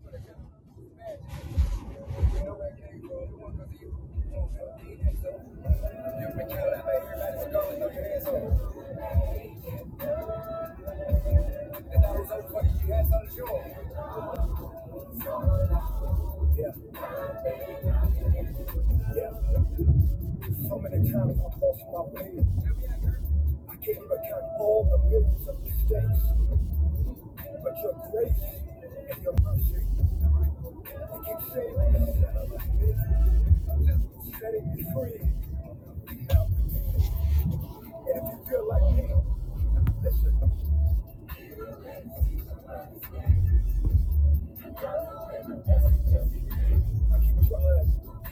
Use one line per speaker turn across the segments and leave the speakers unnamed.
Yeah, yeah. So many times I have lost my way. I can't even count all the millions of mistakes. But your grace and your mercy, they keep saving me, setting me free. And if you feel like me, listen, I keep trying.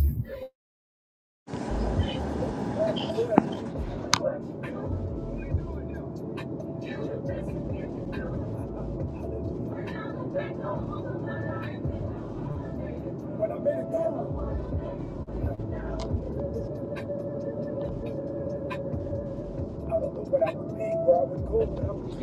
See, When I made it through, I don't know what I would be, where I would go, but I would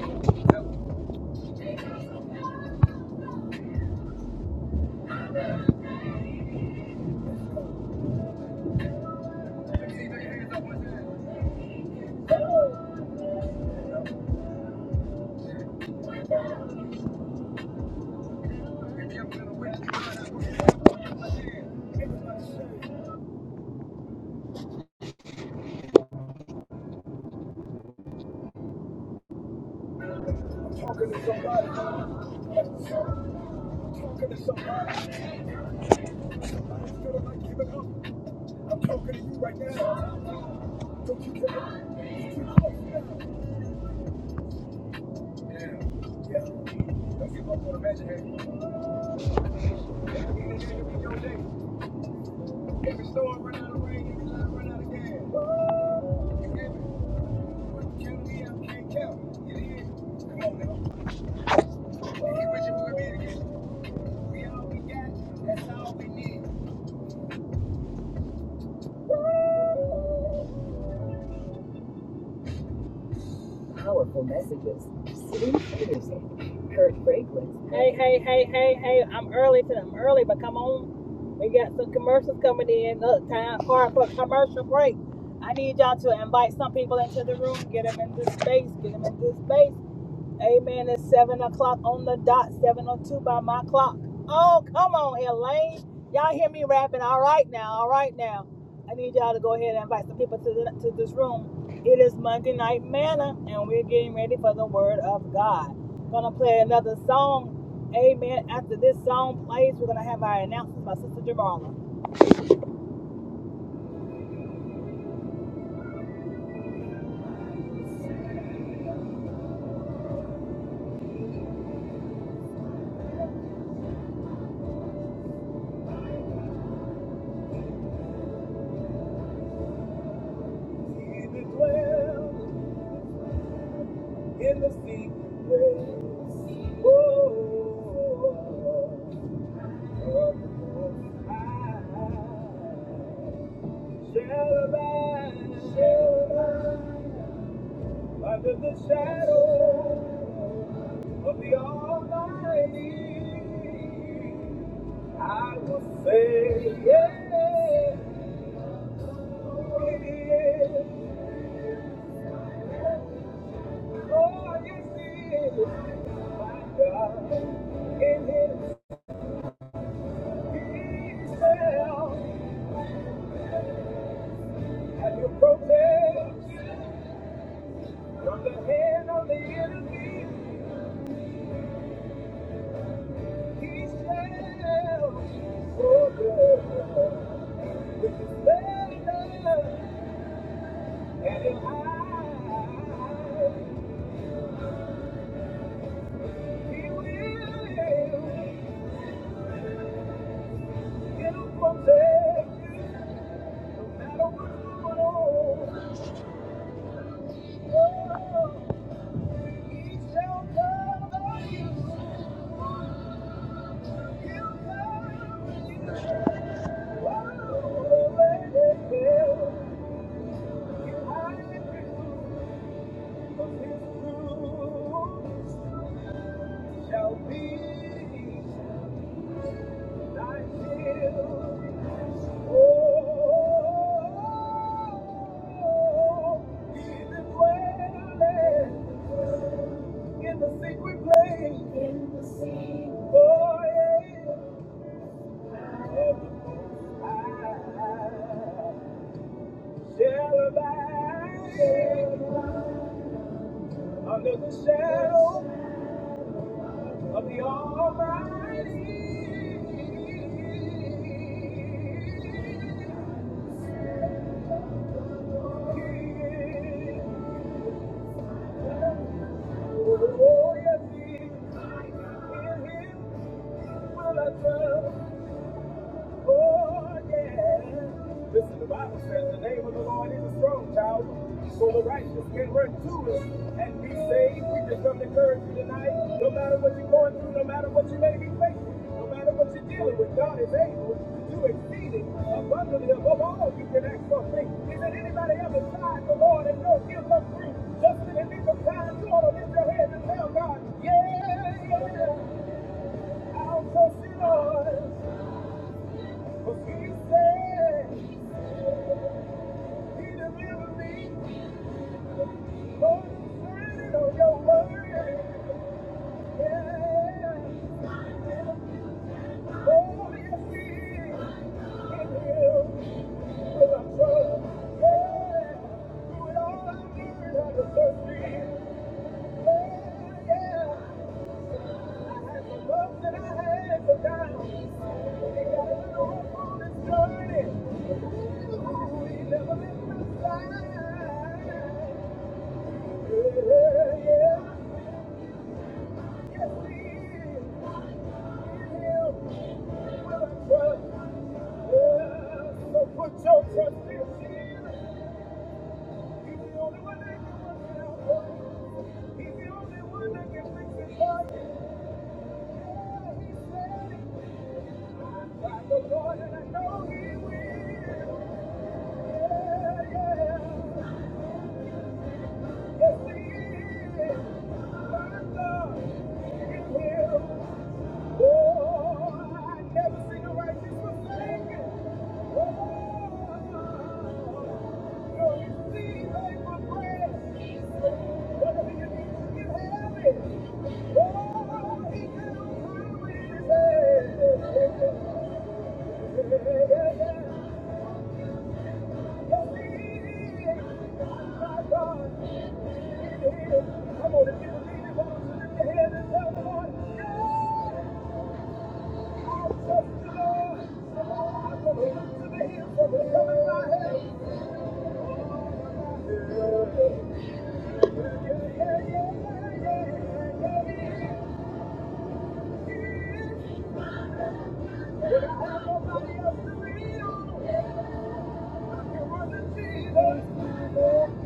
be. Everybody says, I'm talking to somebody. I'm talking to somebody. I ain't feeling like giving up. I'm talking to you right now. Don't you give up. You keep going now. Yeah. Yeah. Don't give up on the magic hand. I mean, it gonna be your day. Yeah. One, two, three, I can't count. It is. Come on now. Powerful messages. Sitting Peterson. Kurt Franklin's. Hey, hey, hey, hey, hey. I'm early to them. Early, but come on. We got some commercials coming in. Look, time hard for commercial break. I need y'all to invite some people into the room, get them in this space, get them in this space. Amen. It's seven o'clock on the dot, seven o two by my clock. Oh, come on, Elaine. Y'all hear me rapping? All right now, all right now. I need y'all to go ahead and invite some people to the, to this room. It is Monday night manna, and we're getting ready for the Word of God. Gonna play another song. Amen. After this song plays, we're gonna have our announcements by Sister Jamarla. He that dwell in the secret place. Oh, oh, oh, oh, oh. oh. Shall abide. under the shadow of the Almighty, I will say, yeah, yeah, oh, yes, he is my God. In his shadow, under the shadow of the Almighty, oh, yes, he is my God. In him will I trust. Oh, yeah. Listen, the Bible says the name of the Lord is a strong tower. So the righteous can run to it and be saved. We just come to encourage you tonight. No matter what you're going through, no matter what you may be facing, no matter what you're dealing with, God is able to do exceeding abundantly above all you can ask for think. is there anybody ever tried the Lord and know he'll come through? Justin, in this time, you ought to lift your hands and tell God, yeah, yeah, I'll trust you, Lord. Forgive me Put your trust in him. He's the only one that can work it out for you. He's the only one that can fix it for you. Yeah, yeah, yeah. I gonna Yeah. I don't want to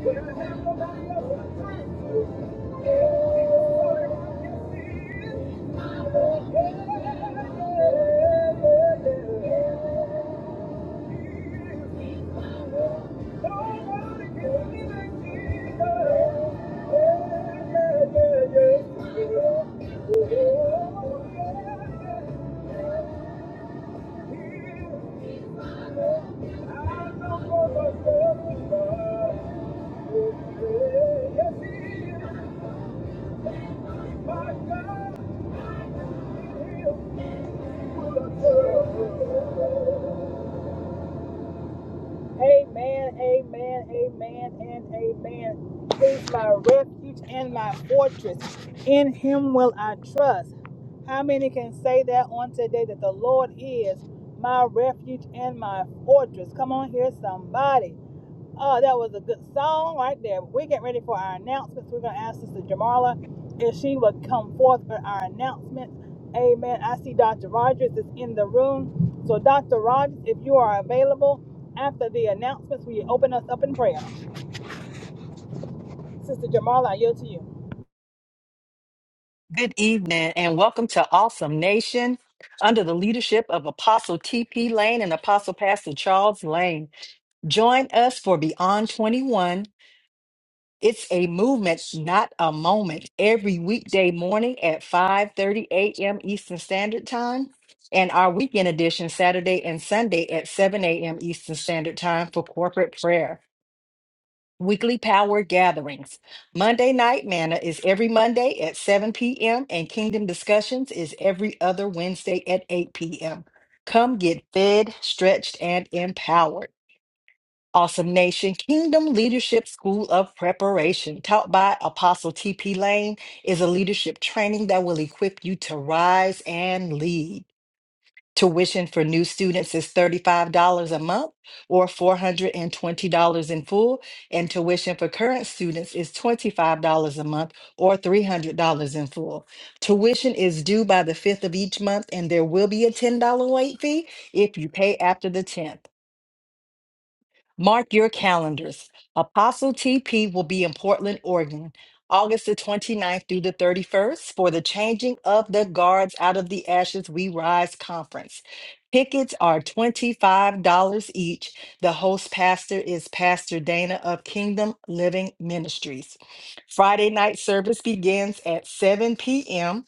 I don't Yeah. Amen, amen, amen, and amen. He's my refuge and my fortress. In him will I trust. How many can say that on today that the Lord is my refuge and my fortress? Come on here, somebody. Uh, that was a good song right there. We're getting ready for our announcements. We're going to ask Sister Jamala if she would come forth with our announcements. Amen. I see Dr. Rogers is in the room. So, Dr. Rogers, if you are available after the announcements, will you open us up in prayer? Sister Jamala, I yield to you.
Good evening and welcome to Awesome Nation under the leadership of Apostle T.P. Lane and Apostle Pastor Charles Lane. Join us for Beyond 21. It's a movement, not a moment, every weekday morning at 5:30 a.m. Eastern Standard Time and our weekend edition Saturday and Sunday at 7 a.m. Eastern Standard Time for corporate prayer. Weekly power gatherings. Monday Night Manna is every Monday at 7 p.m., and Kingdom Discussions is every other Wednesday at 8 p.m. Come get fed, stretched, and empowered. Awesome Nation Kingdom Leadership School of Preparation, taught by Apostle T.P. Lane, is a leadership training that will equip you to rise and lead. Tuition for new students is $35 a month or $420 in full, and tuition for current students is $25 a month or $300 in full. Tuition is due by the 5th of each month, and there will be a $10 late fee if you pay after the 10th. Mark your calendars. Apostle TP will be in Portland, Oregon, August the 29th through the 31st for the Changing of the Guards Out of the Ashes We Rise conference. Tickets are $25 each. The host pastor is Pastor Dana of Kingdom Living Ministries. Friday night service begins at 7 p.m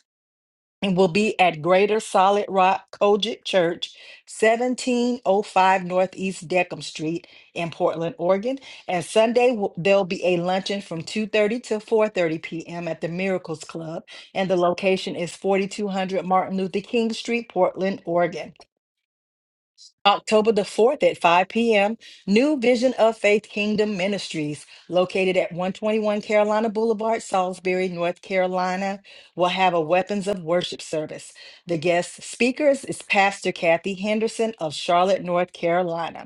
and will be at Greater Solid Rock Kojic Church, 1705 Northeast Deckham Street in Portland, Oregon. And Sunday w- there'll be a luncheon from 2:30 to 4:30 p.m. at the Miracles Club, and the location is 4200 Martin Luther King Street, Portland, Oregon. October the 4th at 5 p.m., New Vision of Faith Kingdom Ministries, located at 121 Carolina Boulevard, Salisbury, North Carolina, will have a Weapons of Worship service. The guest speakers is Pastor Kathy Henderson of Charlotte, North Carolina.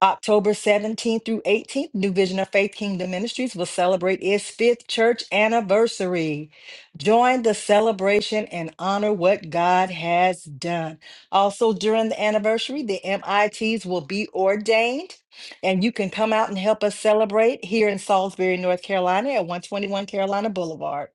October 17th through 18th, New Vision of Faith Kingdom Ministries will celebrate its fifth church anniversary. Join the celebration and honor what God has done. Also, during the anniversary, the MITs will be ordained, and you can come out and help us celebrate here in Salisbury, North Carolina at 121 Carolina Boulevard.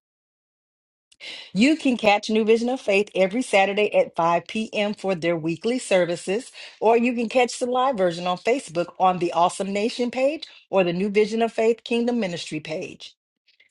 You can catch New Vision of Faith every Saturday at 5 p.m. for their weekly services, or you can catch the live version on Facebook on the Awesome Nation page or the New Vision of Faith Kingdom Ministry page.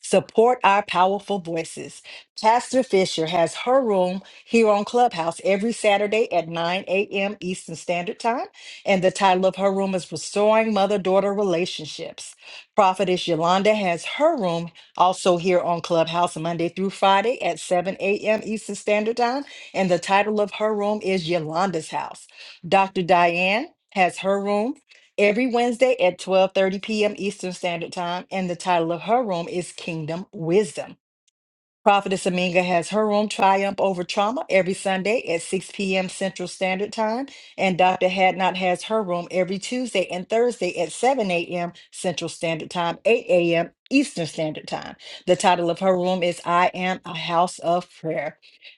Support our powerful voices. Pastor Fisher has her room here on Clubhouse every Saturday at 9 a.m. Eastern Standard Time. And the title of her room is Restoring Mother Daughter Relationships. Prophetess Yolanda has her room also here on Clubhouse Monday through Friday at 7 a.m. Eastern Standard Time. And the title of her room is Yolanda's House. Dr. Diane has her room every Wednesday at 12:30 p.m. Eastern Standard Time, and the title of her room is Kingdom Wisdom. Prophetess Aminga has her room Triumph Over Trauma every Sunday at 6 p.m. Central Standard Time. And Dr. Hadnot has her room every Tuesday and Thursday at 7 a.m. Central Standard Time, 8 a.m. Eastern Standard Time. The title of her room is I Am a House of Prayer.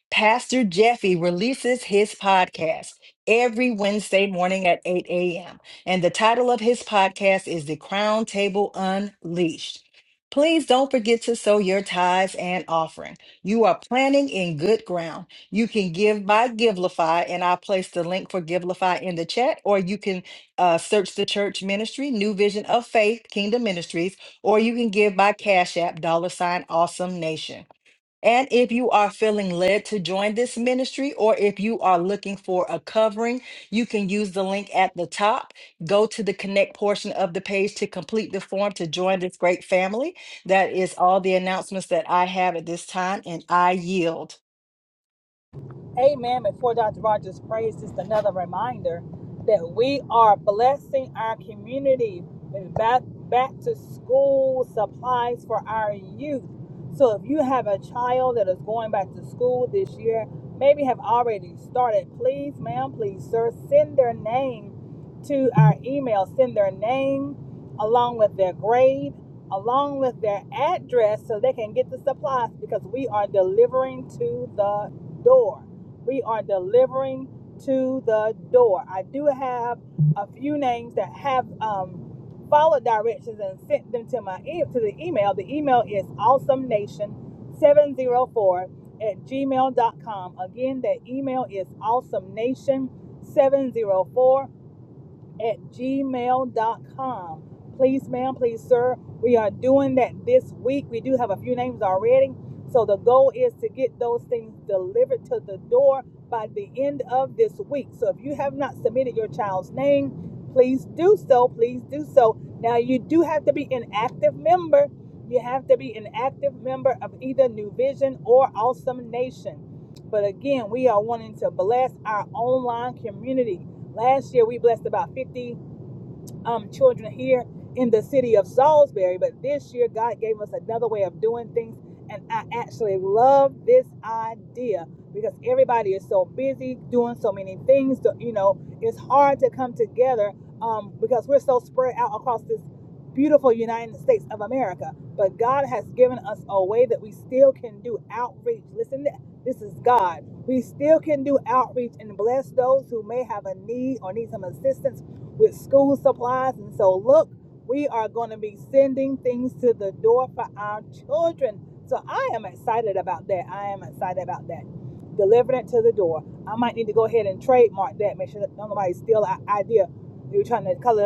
Pastor Jeffy releases his podcast every Wednesday morning at 8 a.m. And the title of his podcast is The Crown Table Unleashed. Please don't forget to sow your tithes and offering. You are planting in good ground. You can give by Givelify, and I place the link for Givelify in the chat, or you can uh, search the church ministry, New Vision of Faith, Kingdom Ministries, or you can give by Cash App, dollar sign, awesome nation. And if you are feeling led to join this ministry, or if you are looking for a covering, you can use the link at the top. Go to the connect portion of the page to complete the form to join this great family. That is all the announcements that I have at this time, and I yield.
Amen. Before Dr. Rogers prays, just another reminder that we are blessing our community with back, back to school supplies for our youth. So if you have a child that is going back to school this year, maybe have already started, please, ma'am, please, sir, send their name to our email. Send their name along with their grade, along with their address so they can get the supplies because we are delivering to the door. We are delivering to the door. I do have a few names that have um, followed directions and sent them to my e- to the email. The email is awesome nation 704 at gmail dot com. Again, that email is awesome nation 704 at Gmail dot com, Please, ma'am, please, sir, we are doing that this week. We do have a few names already. So the goal is to get those things delivered to the door by the end of this week. So if you have not submitted your child's name, please do so. Please do so. Now you do have to be an active member. You have to be an active member of either New Vision or Awesome Nation. But again, we are wanting to bless our online community. Last year we blessed about 50 um, children here in the city of Salisbury. But this year, God gave us another way of doing things. And I actually love this idea because everybody is so busy doing so many things. that, You know, it's hard to come together um, because we're so spread out across this beautiful United States of America. But God has given us a way that we still can do outreach. Listen, this is God. We still can do outreach and bless those who may have a need or need some assistance with school supplies. And so, look, we are going to be sending things to the door for our children. So, I am excited about that. I am excited about that. Delivering it to the door. I might need to go ahead and trademark that, make sure that nobody steals our idea. We were trying to color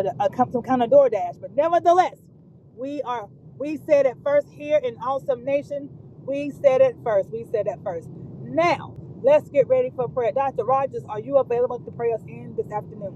some kind of DoorDash. But nevertheless, we are, we said it first here in Awesome Nation. We said it first. We said it first. Now, let's get ready for prayer. Dr. Rogers, are you available to pray us in this afternoon?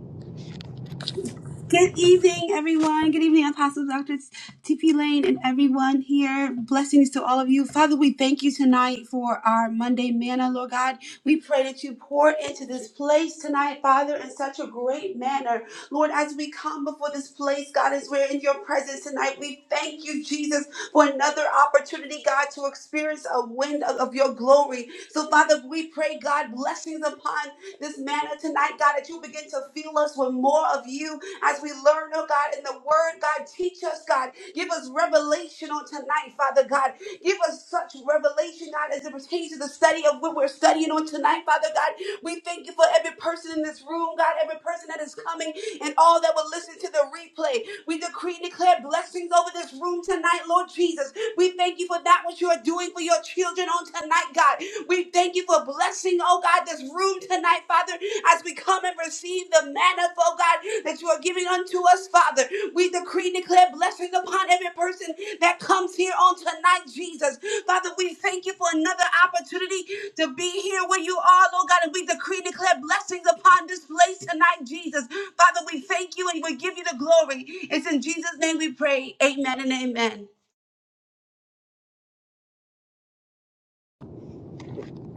Good evening, everyone. Good evening, Apostle Dr. TP Lane and everyone here. Blessings to all of you. Father, we thank you tonight for our Monday manna, Lord God. We pray that you pour into this place tonight, Father, in such a great manner. Lord, as we come before this place, God, as we're in your presence tonight, we thank you, Jesus, for another opportunity, God, to experience a wind of, of your glory. So, Father, we pray, God, blessings upon this manner tonight, God, that you begin to fill us with more of you as we learn, oh God, in the word, God, teach us, God. Give us revelation on tonight, Father God. Give us such revelation, God, as it pertains to the study of what we're studying on tonight, Father God. We thank you for every person in this room, God, every person that is coming and all that will listen to the replay. We decree and declare blessings over this room tonight, Lord Jesus. We thank you for that what you are doing for your children on tonight, God. We thank you for blessing, oh God, this room tonight, Father, as we come and receive the manna, oh God, that you are giving unto us, Father. We decree and declare blessings upon every person that comes here on tonight, Jesus. Father, we thank you for another opportunity to be here where you are, Lord God, and we decree and declare blessings upon this place tonight, Jesus. Father, we thank you and we give you the glory. It's in Jesus' name we pray. Amen and amen.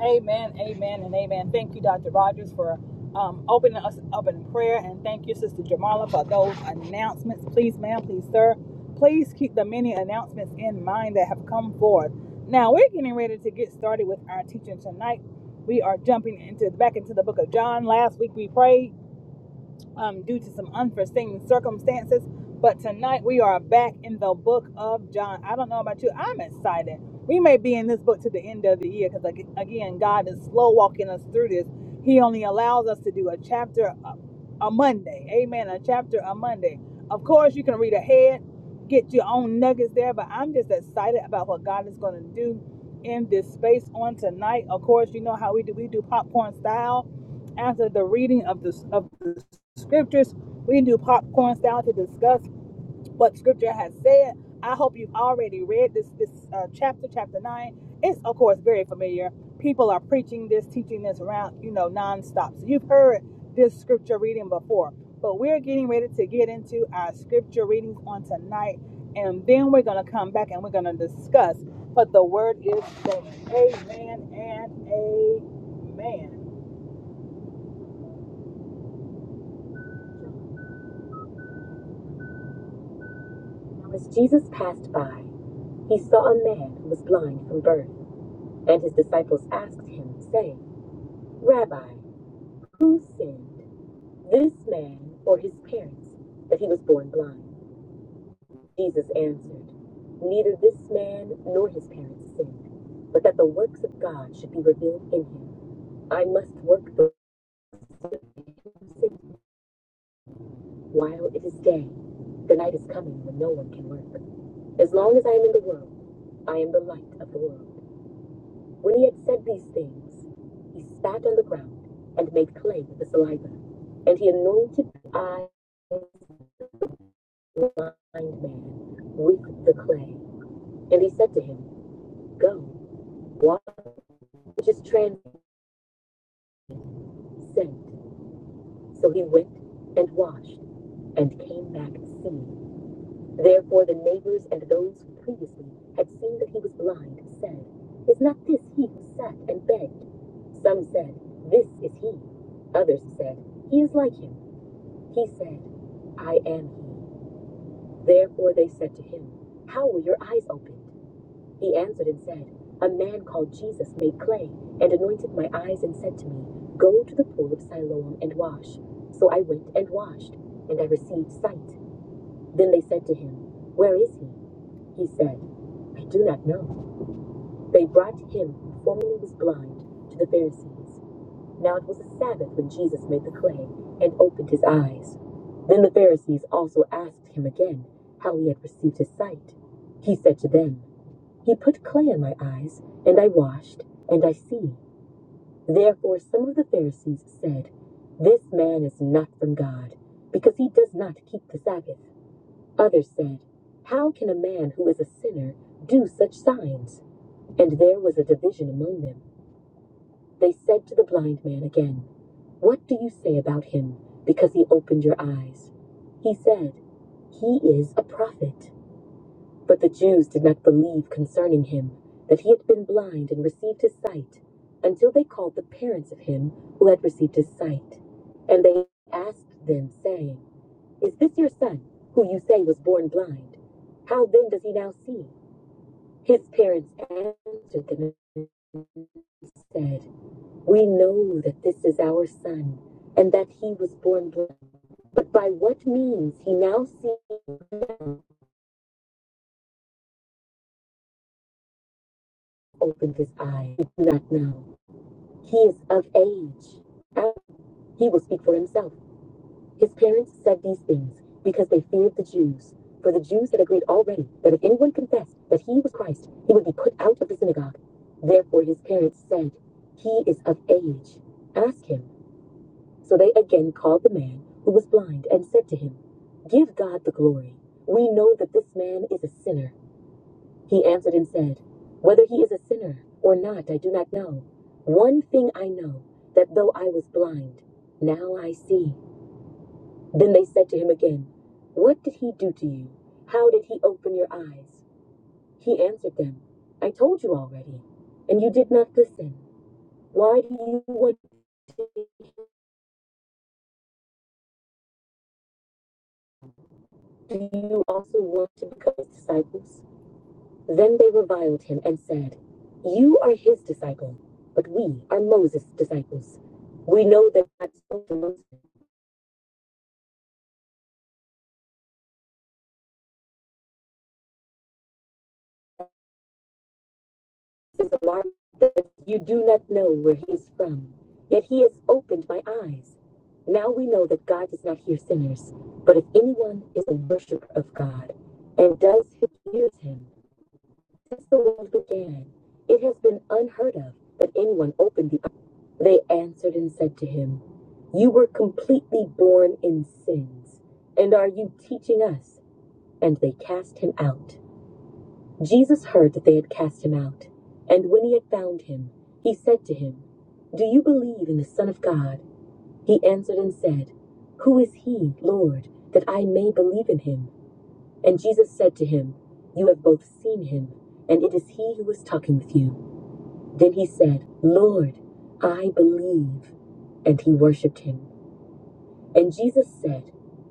Amen, amen, and amen. Thank you, Dr. Rogers, for um, opening us up in prayer. And thank you, Sister Jamala, for those announcements. Please, ma'am, please, sir, please keep the many announcements in mind that have come forth. Now, we're getting ready to get started with our teaching tonight. We are jumping into back into the book of John. Last week we prayed um, due to some unforeseen circumstances. But tonight we are back in the book of John. I don't know about you, I'm excited. We may be in this book to the end of the year because, again, God is slow walking us through this. He only allows us to do a chapter a, a Monday. Amen. A chapter a Monday. Of course, you can read ahead, get your own nuggets there, but I'm just excited about what God is going to do in this space on tonight. Of course, you know how we do. We do popcorn style after the reading of the, of the scriptures. We can do popcorn style to discuss what scripture has said. I hope you've already read this this uh, chapter, chapter nine. It's of course very familiar. People are preaching this, teaching this around, you know, nonstop. So you've heard this scripture reading before, but we're getting ready to get into our scripture readings on tonight, and then we're gonna come back and we're gonna discuss. But the word is saying, Amen and Amen. Now, as Jesus passed by, he saw a man who was blind from birth, and his disciples asked him, saying, Rabbi, who sinned, this man or his parents, that he was born blind? Jesus answered, Neither this man nor his parents sinned, but that the works of God should be revealed in him. I must work the works of sin while it is day. The night is coming when no one can work. As long as I am in the world, I am the light of the world. When he had said these things, he spat on the ground and made clay with the saliva, and he anointed the eyes of the blind man with the clay. And he said to him, Go, wash, which is translated, sent. So he went and washed and came back seeing. Therefore the neighbors and those who previously had seen that he was blind said, Is not this he who sat and begged? Some said, This is he. Others said, He is like him. He said, I am he. Therefore they said to him, How were your eyes opened? He answered and said, A man called Jesus made clay and anointed my eyes and said to me, Go to the pool of Siloam and wash. So I went and washed, and I received sight. Then they said to him, Where is he? He said, I do not know. They brought him who formerly was blind to the Pharisees. Now it was a Sabbath when Jesus made the clay and opened his eyes. Then the Pharisees also asked him again how he had received his sight. He said to them, He put clay in my eyes, and I washed, and I see. Therefore some of the Pharisees said, This man is not from God, because he does not keep the Sabbath. Others said, How can a man who is a sinner do such signs? And there was a division among them. They said to the blind man again, What do you say about him, because he opened your eyes? He said, He is a prophet. But the Jews did not believe concerning him that he had been blind and received his sight, until they called the parents of him who had received his sight. And they asked them, saying, is this your son, who you say was born blind? How then does he now see? His parents answered them and said, We know that this is our son, and that he was born blind. But by what means he now sees, opened his eyes, we do not know. He is of age. He will speak for himself. His parents said these things because they feared the Jews. For the Jews had agreed already that if anyone confessed that he was Christ, he would be put out of the synagogue. Therefore his parents said, He is of age. Ask him. So they again called the man who was blind and said to him, Give God the glory. We know that this man is a sinner. He answered and said, Whether he is a sinner or not, I do not know. One thing I know, that though I was blind, now I see. Then they said to him again, What did he do to you? How did he open your eyes? He answered them, I told you already, and you did not listen. Why do you want to do you also want to become his disciples? Then they reviled him and said, You are his disciple, but we are Moses' disciples. We know that God spoke to Moses. is a that you do not know where he is from, yet he has opened my eyes. Now we know that God does not hear sinners, but if anyone is a worshiper of God and does his him, since the world began, it has been unheard of that anyone opened the eyes. They answered and said to him, You were completely born in sins, and are you teaching us? And they cast him out. Jesus heard that they had cast him out, and when he had found him, he said to him, Do you believe in the Son of God? He answered and said, Who is he, Lord, that I may believe in him? And Jesus said to him, You have both seen him, and it is he who is talking with you. Then he said, Lord, I believe. And he worshipped him. And Jesus said,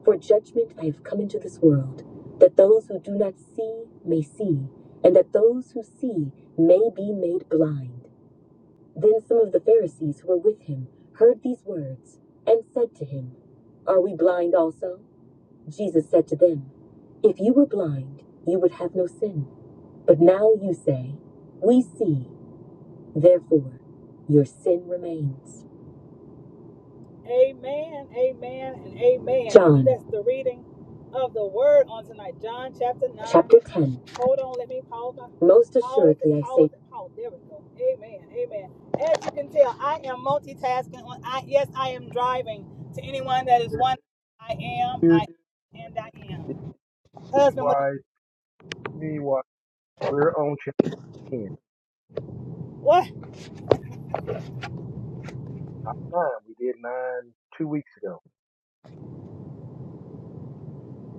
For judgment I have come into this world, that those who do not see may see, and that those who see may be made blind. Then some of the Pharisees who were with him heard these words, and said to him, Are we blind also? Jesus said to them, If you were blind, you would have no sin. But now you say, We see, therefore your sin remains. Amen, amen, and amen. John. That's the reading of the word on tonight. John chapter 9. Chapter 10. Hold on, let me pause. my- Most Pause it, assuredly it, I pause say, it, pause. There we go. Amen, amen. As you can tell, I am multitasking. On, I, yes, I am driving. To anyone that is one, I am, I
Excuse
am, and I
me,
am. Husband, what?
wise, We're on chapter ten.
What?
Nine. We did nine two weeks ago.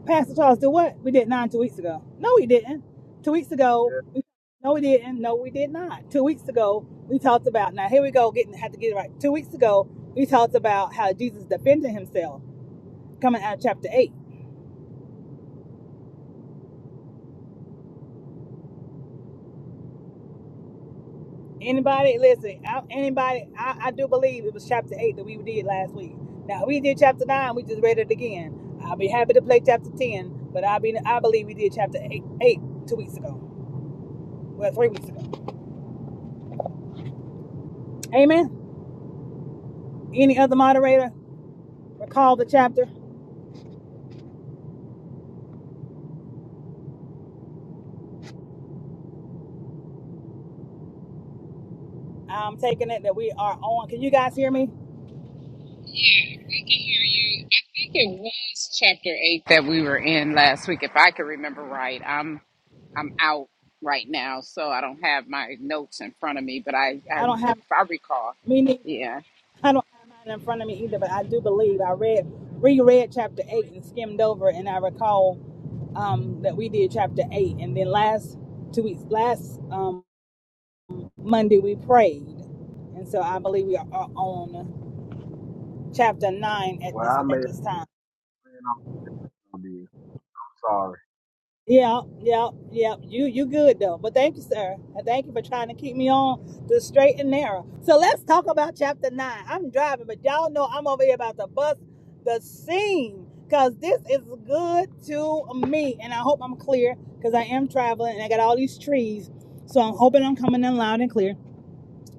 Pastor Charles, do what? We did nine two weeks ago. No, we didn't. Two weeks ago.
Yeah.
No, we didn't. No, we did not. Two weeks ago, we talked about. Now here we go. Getting had to get it right. Two weeks ago, we talked about how Jesus defended himself coming out of chapter eight. Anybody listen? I, anybody? I, I do believe it was chapter eight that we did last week. Now we did chapter nine. We just read it again. I'll be happy to play chapter ten, but I be I believe we did chapter eight, eight two weeks ago. Well, three weeks ago. Amen. Any other moderator recall the chapter? I'm taking it that we are on. Can you guys hear me?
I hear you. I think it was chapter eight that we were in last week, if I can remember right. I'm I'm out right now, so I don't have my notes in front of me, but I, I
I don't have
if I recall,
me neither.
yeah.
I don't have mine in front of me either, but I do believe I read reread chapter eight and skimmed over, and I recall um, that we did chapter eight, and then last two weeks, last um, Monday we prayed, and so I believe we are on chapter nine at
Well,
this
I made.
at this time.
have been off Sorry.
Yeah, yeah, yeah. You you good though. But thank you, sir. And thank you for trying to keep me on the straight and narrow. So let's talk about chapter nine. I'm driving, but y'all know I'm over here about to bust the scene. Cause this is good to me. And I hope I'm clear because I am traveling and I got all these trees. So I'm hoping I'm coming in loud and clear.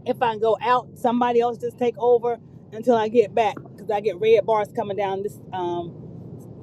If I go out, somebody else just take over until I get back. Cause I get red bars coming down this um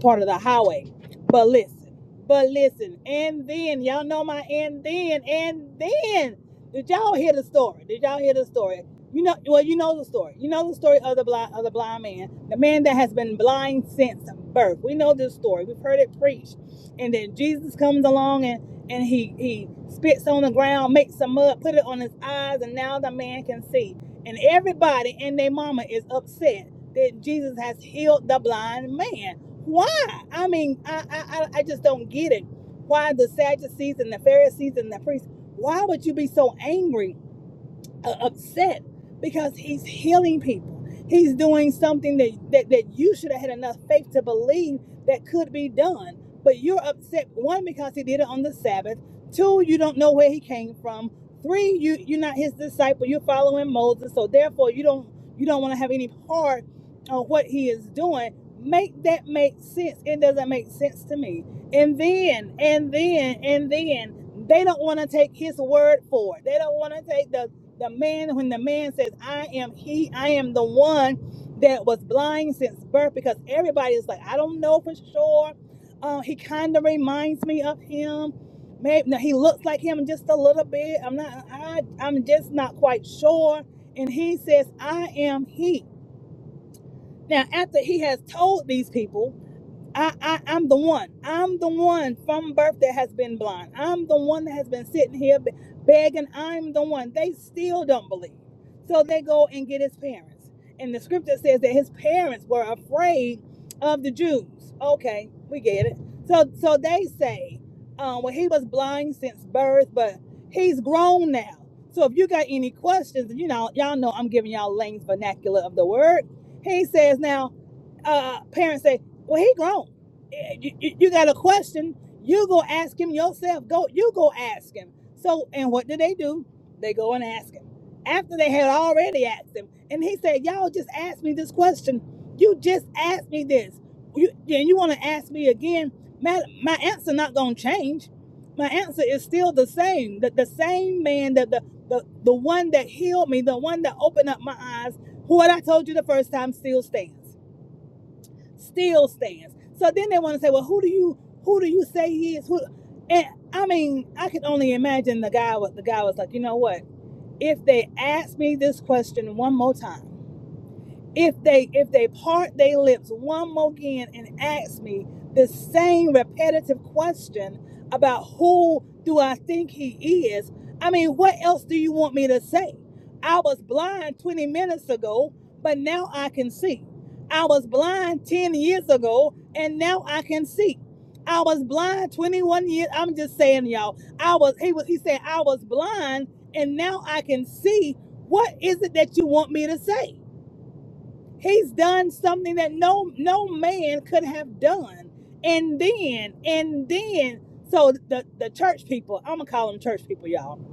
part of the highway. But listen, but listen, and then y'all know my and then and then. Did y'all hear the story? Did y'all hear the story? You know, well, you know the story. You know the story of the blind of the blind man, the man that has been blind since birth. We know this story. We've heard it preached. And then Jesus comes along and and he he spits on the ground, makes some mud, put it on his eyes, and now the man can see. And everybody and their mama is upset that Jesus has healed the blind man. Why? why? I mean, I, I, I I just don't get it. Why the Sadducees and the Pharisees and the priests, why would you be so angry? uh, upset because he's healing people. He's doing something that, that, that you should have had enough faith to believe that could be done. But you're upset, one, because he did it on the Sabbath. Two, you don't know where he came from. Three, you, you're not his disciple. You're following Moses. So therefore you don't you don't want to have any part of what he is doing. Make that make sense. It doesn't make sense to me. And then, and then, and then they don't want to take his word for it. They don't want to take the the man, when the man says, I am he, I am the one that was blind since birth, because everybody is like, I don't know for sure. Um, he kind of reminds me of him. Maybe no, he looks like him just a little bit. I'm not, I, I'm just not quite sure. And he says, I am he. Now, after he has told these people, I, I I'm the one. I'm the one from birth that has been blind. I'm the one that has been sitting here begging. I'm the one. They still don't believe. So they go and get his parents. And the scripture says that his parents were afraid of the Jews. Okay, we get it. So so they say, um, well, he was blind since birth, but he's grown now. So if you got any questions, you know, y'all know I'm giving y'all Lane's vernacular of the word. He says now uh, parents say, "Well, he grown. Eh, You, you- you got a question? You go ask him yourself. Go, you go ask him." So, and what do they do? They go and ask him after they had already asked him, and he said, "Y'all just asked me this question. You just asked me this. You, and you want to ask me again? My, my answer not gonna change. My answer is still the same. The, the same man that the, the the one that healed me, the one that opened up my eyes, what I told you the first time still stands." still stands. So then they want to say, well, who do you who do you say he is? Who? And I mean, I could only imagine the guy. What the guy was like. You know what? If they ask me this question one more time if they if they part their lips one more again and ask me the same repetitive question about who do I think he is, I mean, what else do you want me to say? I was blind 20 minutes ago, but now I can see. I was blind 10 years ago, and now I can see. I was blind 21 years. I'm just saying, y'all. I was he was he said I was blind, and now I can see. What is it that you want me to say? He's done something that no no man could have done. And then, and then, so the the church people, I'm gonna call them church people, y'all,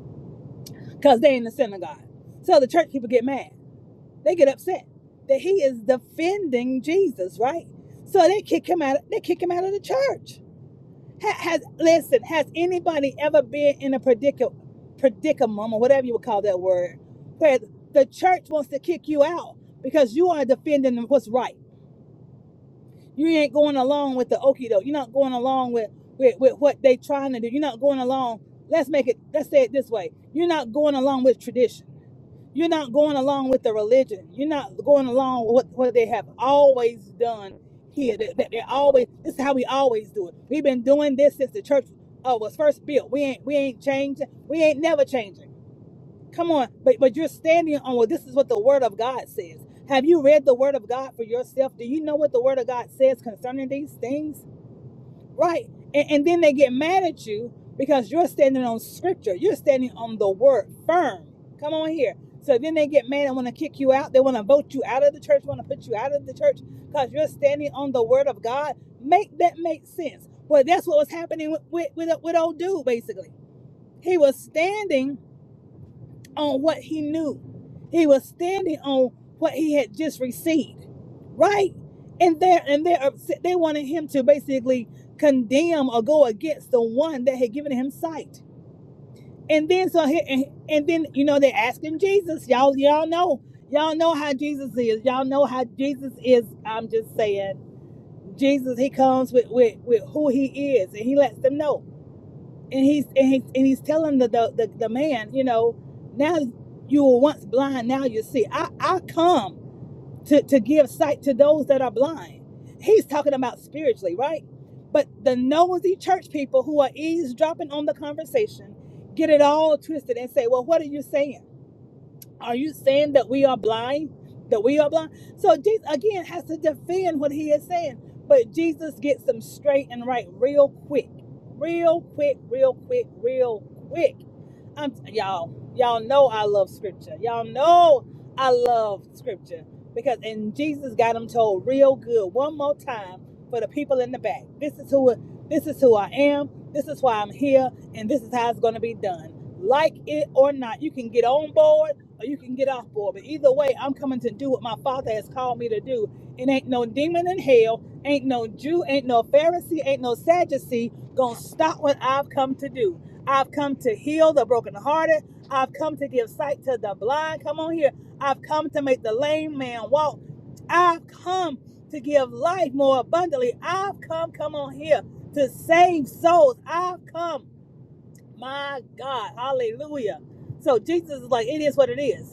because they in the synagogue. So the church people get mad. They get upset that he is defending Jesus, right? So they kick him out. They kick him out of the church. Ha- Has listen? Has anybody ever been in a predicament, predicament or whatever you would call that word, where the church wants to kick you out because you are defending what's right? You ain't going along with the okie doke. You're not going along with, with, with what they trying to do. You're not going along. Let's make it, let's say it this way. You're not going along with tradition. You're not going along with the religion. You're not going along with what, what they have always done here. That, that they always, this is how we always do it. We've been doing this since the church uh, was first built. We ain't, we ain't changing. We ain't never changing. Come on, but but you're standing on well, this is what the word of God says. Have you read the word of God for yourself? Do you know what the word of God says concerning these things? Right. And, and then they get mad at you because you're standing on scripture. You're standing on the word firm. Come on here. So then they get mad and want to kick you out. They want to vote you out of the church, want to put you out of the church because you're standing on the word of God. Make that make sense. Well, that's what was happening with, with, with, with old dude, basically. He was standing on what he knew. He was standing on what he had just received, right? And they're and they're upset. They wanted him to basically condemn or go against the one that had given him sight. And then so he, and, and then you know they asked him Jesus. Y'all y'all know y'all know how Jesus is. Y'all know how Jesus is. I'm just saying Jesus. He comes with with with who he is, and he lets them know and he's and, he, and he's telling the, the the the man, you know, now you were once blind, now you see. I I come to to give sight to those that are blind. He's talking about spiritually, right? But the nosy church people who are eavesdropping on the conversation get it all twisted and say, well, what are you saying? Are you saying that we are blind? That we are blind? So Jesus again has to defend what he is saying. But Jesus gets them straight and right real quick. Real quick, real quick, real quick. I'm y'all, y'all know I love scripture. Y'all know I love scripture. Because and Jesus got them told real good one more time for the people in the back. This is who this is who I am, this is why I'm here, and this is how it's gonna be done. Like it or not, you can get on board or you can get off board. But either way, I'm coming to do what my father has called me to do. It ain't no demon in hell, ain't no Jew, ain't no Pharisee, ain't no Sadducee gonna stop what I've come to do. I've come to heal the brokenhearted. I've come to give sight to the blind. Come on here. I've come to make the lame man walk. I've come to give life more abundantly. I've come, come on here, to save souls. I've come, my God, hallelujah. So Jesus is like, it is what it is.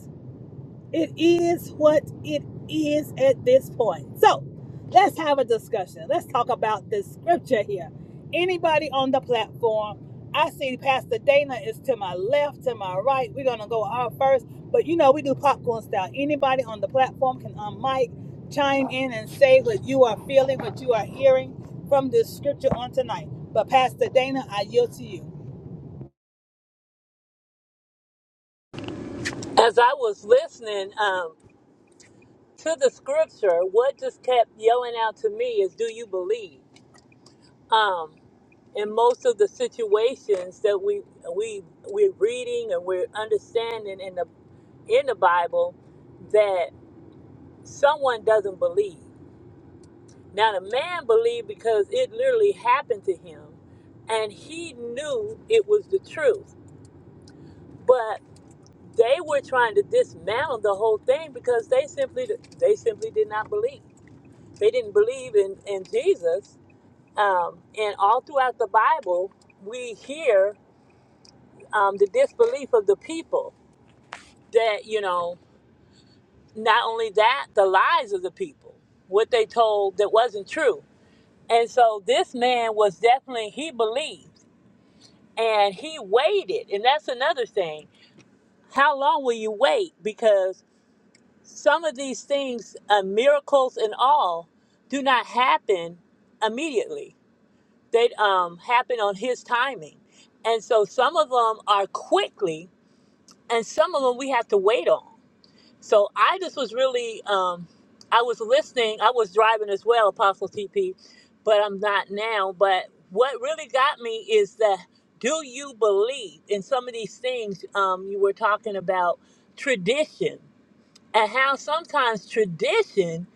It is what it is at this point. So let's have a discussion. Let's talk about this scripture here. Anybody on the platform? I see Pastor Dana is to my left, to my right. We're gonna go out first, but you know we do popcorn style. Anybody on the platform can unmic, chime in, and say what you are feeling, what you are hearing from this scripture on tonight. But Pastor Dana, I yield to you.
As I was listening um, to the scripture, what just kept yelling out to me is, "Do you believe?" Um, in most of the situations that we we we're reading and we're understanding in the in the Bible, that someone doesn't believe. Now the man believed because it literally happened to him, and he knew it was the truth. But they were trying to dismantle the whole thing because they simply they simply did not believe. They didn't believe in, in Jesus. Um, and all throughout the Bible, we hear um, the disbelief of the people that, you know, not only that, the lies of the people, what they told that wasn't true. And so this man was definitely, he believed and he waited. And that's another thing. How long will you wait? Because some of these things, uh, miracles and all, do not happen immediately They um, happen on his timing. And so some of them are quickly, and some of them we have to wait on. So I just was really, um, I was listening. I was driving as well, Apostle TP, but I'm not now. But what really got me is that do you believe in some of these things um, you were talking about, tradition, and how sometimes tradition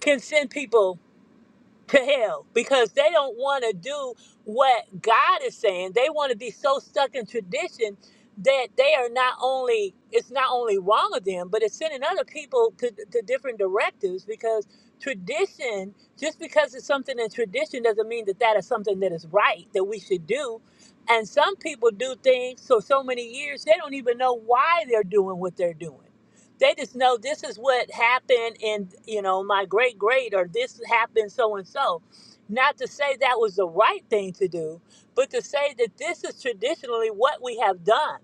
can send people to hell because they don't want to do what God is saying. They want to be so stuck in tradition that they are not only it's not only wrong of them, but it's sending other people to, to different directives because tradition just because it's something in tradition doesn't mean that that is something that is right that we should do and some people do things for so many years they don't even know why they're doing what they're doing they just know this is what happened in you know my great great or this happened so and so not to say that was the right thing to do but to say that this is traditionally what we have done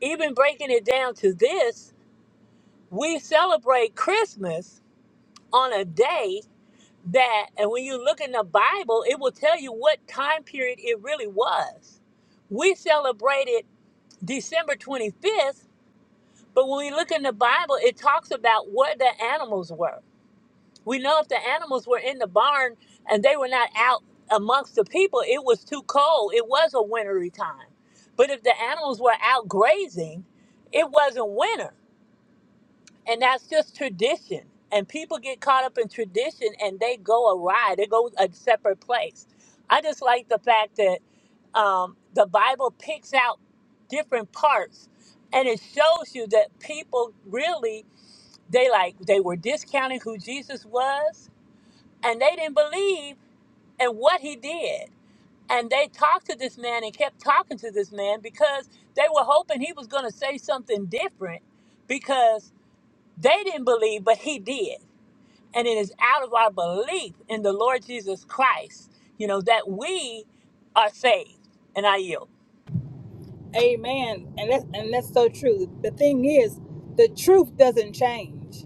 even breaking it down to this we celebrate christmas on a day that and when you look in the bible it will tell you what time period it really was we celebrated december 25th but when we look in the bible it talks about what the animals were We know if the animals were in the barn and they were not out amongst the people, it was too cold. It was a wintry time. But if the animals were out grazing, it wasn't winter. And that's just tradition. And people get caught up in tradition and they go awry, they go a separate place. I just like the fact that um, the Bible picks out different parts and it shows you that people really they like they were discounting who Jesus was and they didn't believe in what he did. And they talked to this man and kept talking to this man because they were hoping he was going to say something different because they didn't believe, but he did. And it is out of our belief in the Lord Jesus Christ, you know, that we are saved. And I yield.
Amen. And that's and that's so true. The thing is, the truth doesn't change.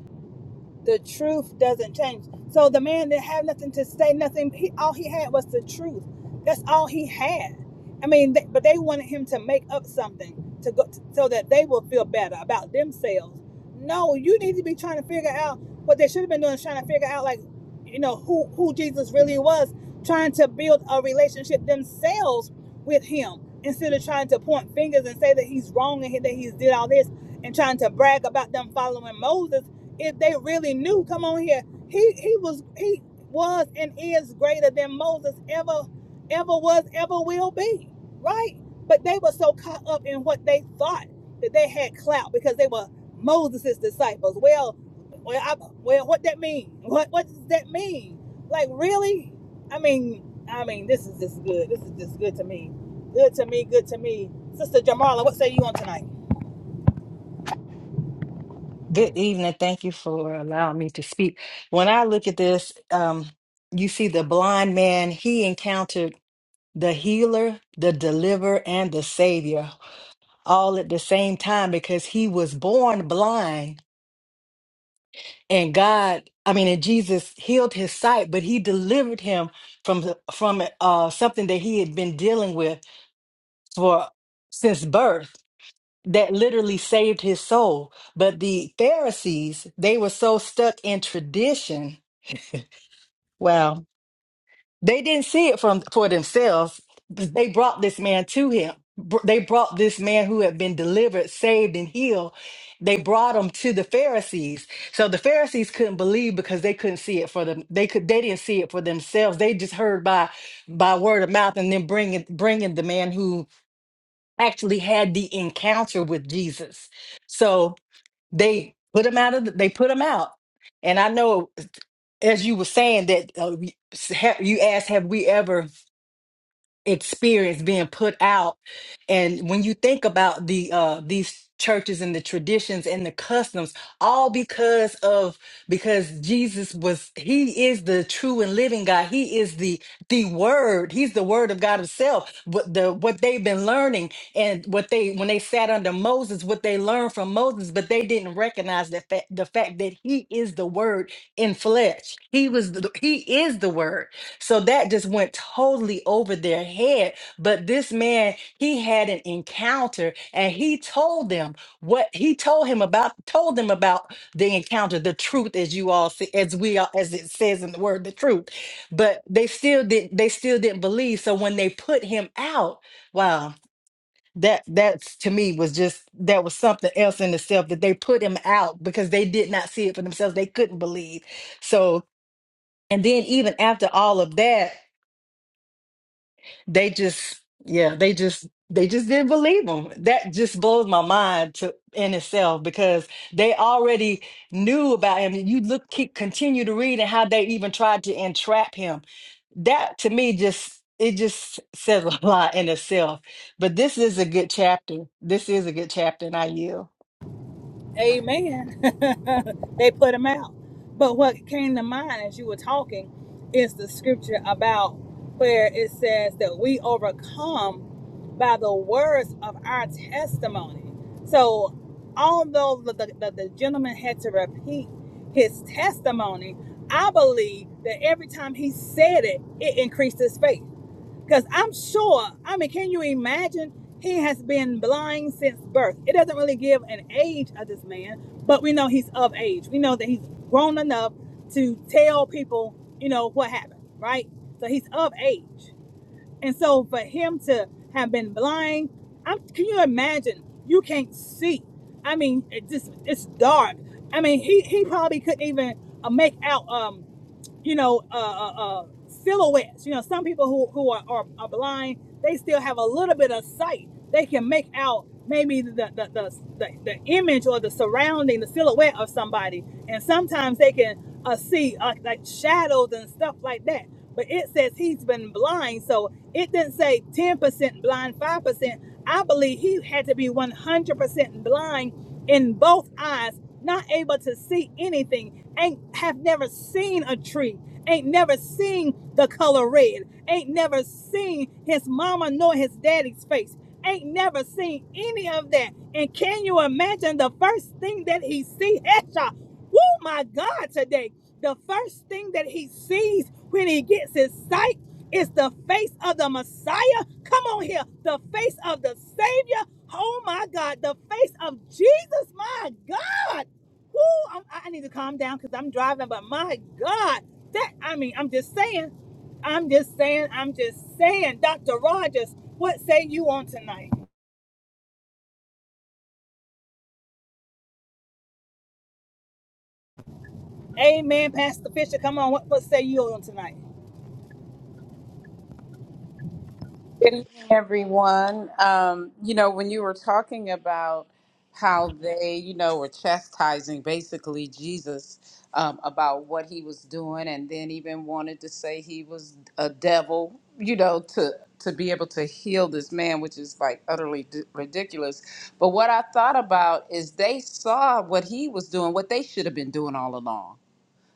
The truth doesn't change. So the man didn't have nothing to say, nothing. He, all he had was the truth. That's all he had. I mean, they, but they wanted him to make up something to go so that they will feel better about themselves. No, you need to be trying to figure out what they should have been doing, is trying to figure out like, you know, who who Jesus really was, trying to build a relationship themselves with him instead of trying to point fingers and say that he's wrong and he- that he did all this and trying to brag about them following Moses if they really knew, come on here. He he was he was and is greater than Moses ever ever was ever will be, right? But they were so caught up in what they thought that they had clout because they were Moses' disciples. Well, well, I, well, what that mean? What what does that mean? Like really? I mean, I mean, this is just good. This is just good to me. Good to me. Good to me. Sister Jamala, what say you on tonight?
Good evening. Thank you for allowing me to speak. When I look at this, um, you see the blind man, he encountered the healer, the deliverer, and the savior all at the same time because he was born blind and God I mean and Jesus healed his sight but he delivered him from the- from uh something that he had been dealing with for since birth that literally saved his soul but the Pharisees they were so stuck in tradition wow They didn't see it from for themselves. They brought this man to him. Br- They brought this man who had been delivered, saved, and healed. They brought him to the Pharisees. So the Pharisees couldn't believe because they couldn't see it for them. They could. They didn't see it for themselves. They just heard by by word of mouth, and then bringing bringing the man who actually had the encounter with Jesus. So they put him out of. The, they put him out. And I know, as you were saying, that uh, you you asked, "Have we ever?" experience being put out and when you think about the uh these churches and the traditions and the customs all because of because Jesus was he is the true and living God he is the the word he's the word of God himself what the what they've been learning and what they when they sat under Moses what they learned from Moses but they didn't recognize the fact the fact that he is the word in flesh he was the, he is the word so that just went totally over their head. But this man, he had an encounter and he told them what he told him about, told them about the encounter, the truth, as you all see, as we all, as it says in the word, the truth. But they still didn't, they still didn't believe. So when they put him out, wow. That that's to me was just that was something else in itself that they put him out because they did not see it for themselves. They couldn't believe. So and then even after all of that, they just, yeah, they just, they just didn't believe him. That just blows my mind to in itself because they already knew about him. You look, keep continue to read and how they even tried to entrap him. That to me just it just says a lot in itself. But this is a good chapter. This is a good chapter, and I yield.
Amen. they put him out. But what came to mind as you were talking is the scripture about where it says that we overcome by the words of our testimony. So, although the, the, the, the gentleman had to repeat his testimony, I believe that every time he said it, it increased his faith. Because I'm sure, I mean, can you imagine? He has been blind since birth. It doesn't really give an age of this man, but we know he's of age. We know that he's grown enough to tell people, you know, what happened, right? So he's of age. And so for him to have been blind, I'm, can you imagine? You can't see. I mean, it just it's dark. I mean, he he probably couldn't even uh, make out um you know, uh, uh, uh, silhouettes. You know, some people who, who are, are, are blind, they still have a little bit of sight. They can make out maybe the, the, the, the, the image or the surrounding, the silhouette of somebody. And sometimes they can uh, see uh, like shadows and stuff like that but it says he's been blind. So it didn't say 10% blind, 5%. I believe he had to be 100% blind in both eyes, not able to see anything, ain't have never seen a tree, ain't never seen the color red, ain't never seen his mama nor his daddy's face. Ain't never seen any of that. And can you imagine the first thing that he see? Hesha, Oh my God, today. The first thing that he sees when he gets his sight is the face of the Messiah. Come on here. The face of the Savior. Oh, my God. The face of Jesus. My God. Woo, I'm- i I need to calm down because I'm driving, but my God. That, I mean, I'm just saying. I'm just saying. I'm just saying. Dr. Rogers, what say you on tonight? Amen. Pastor Fisher, come on. What, what say you on tonight?
Good evening, everyone. Um, you know, when you were talking about how they, you know, were chastising basically Jesus um, about what he was doing, and then even wanted to say he was a devil, you know, to to be able to heal this man, which is like utterly d- ridiculous. But what I thought about is they saw what he was doing, what they should have been doing all along.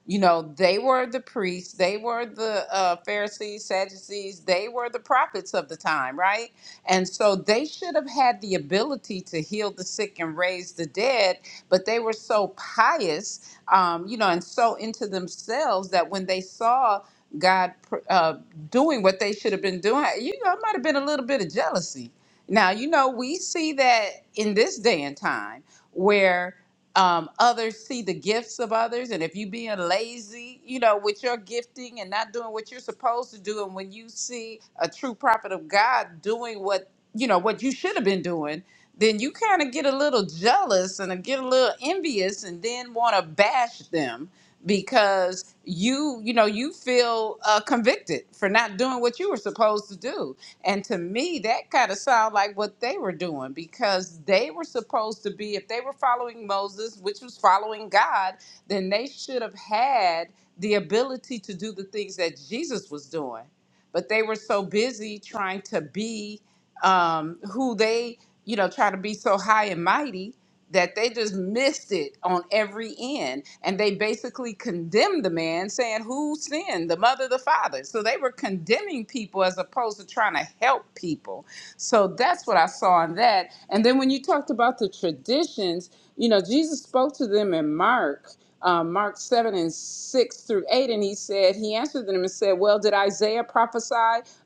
You know, they were the priests, they were the uh, Pharisees, Sadducees, they were the prophets of the time, right? And so they should have had the ability to heal the sick and raise the dead, but they were so pious, um, you know, and so into themselves that when they saw God pr- uh, doing what they should have been doing, you know, it might have been a little bit of jealousy. Now, you know, we see that in this day and time where um, others see the gifts of others and if you being lazy you know with your gifting and not doing what you're supposed to do and when you see a true prophet of god doing what you know what you should have been doing then you kind of get a little jealous and get a little envious and then want to bash them because you you know you feel uh, convicted for not doing what you were supposed to do and to me, that kind of sounded like what they were doing because they were supposed to be, if they were following Moses, which was following God, then they should have had the ability to do the things that Jesus was doing. But they were so busy trying to be um, who they, you know, try to be so high and mighty that they just missed it on every end. And they basically condemned the man, saying, Who sinned? The mother, or the father. So they were condemning people as opposed to trying to help people. So that's what I saw in that. And then when you talked about the traditions, you know, Jesus spoke to them in Mark. uh, Mark 7 and 6 through 8, and he said, He answered them and said, Well, did Isaiah prophesy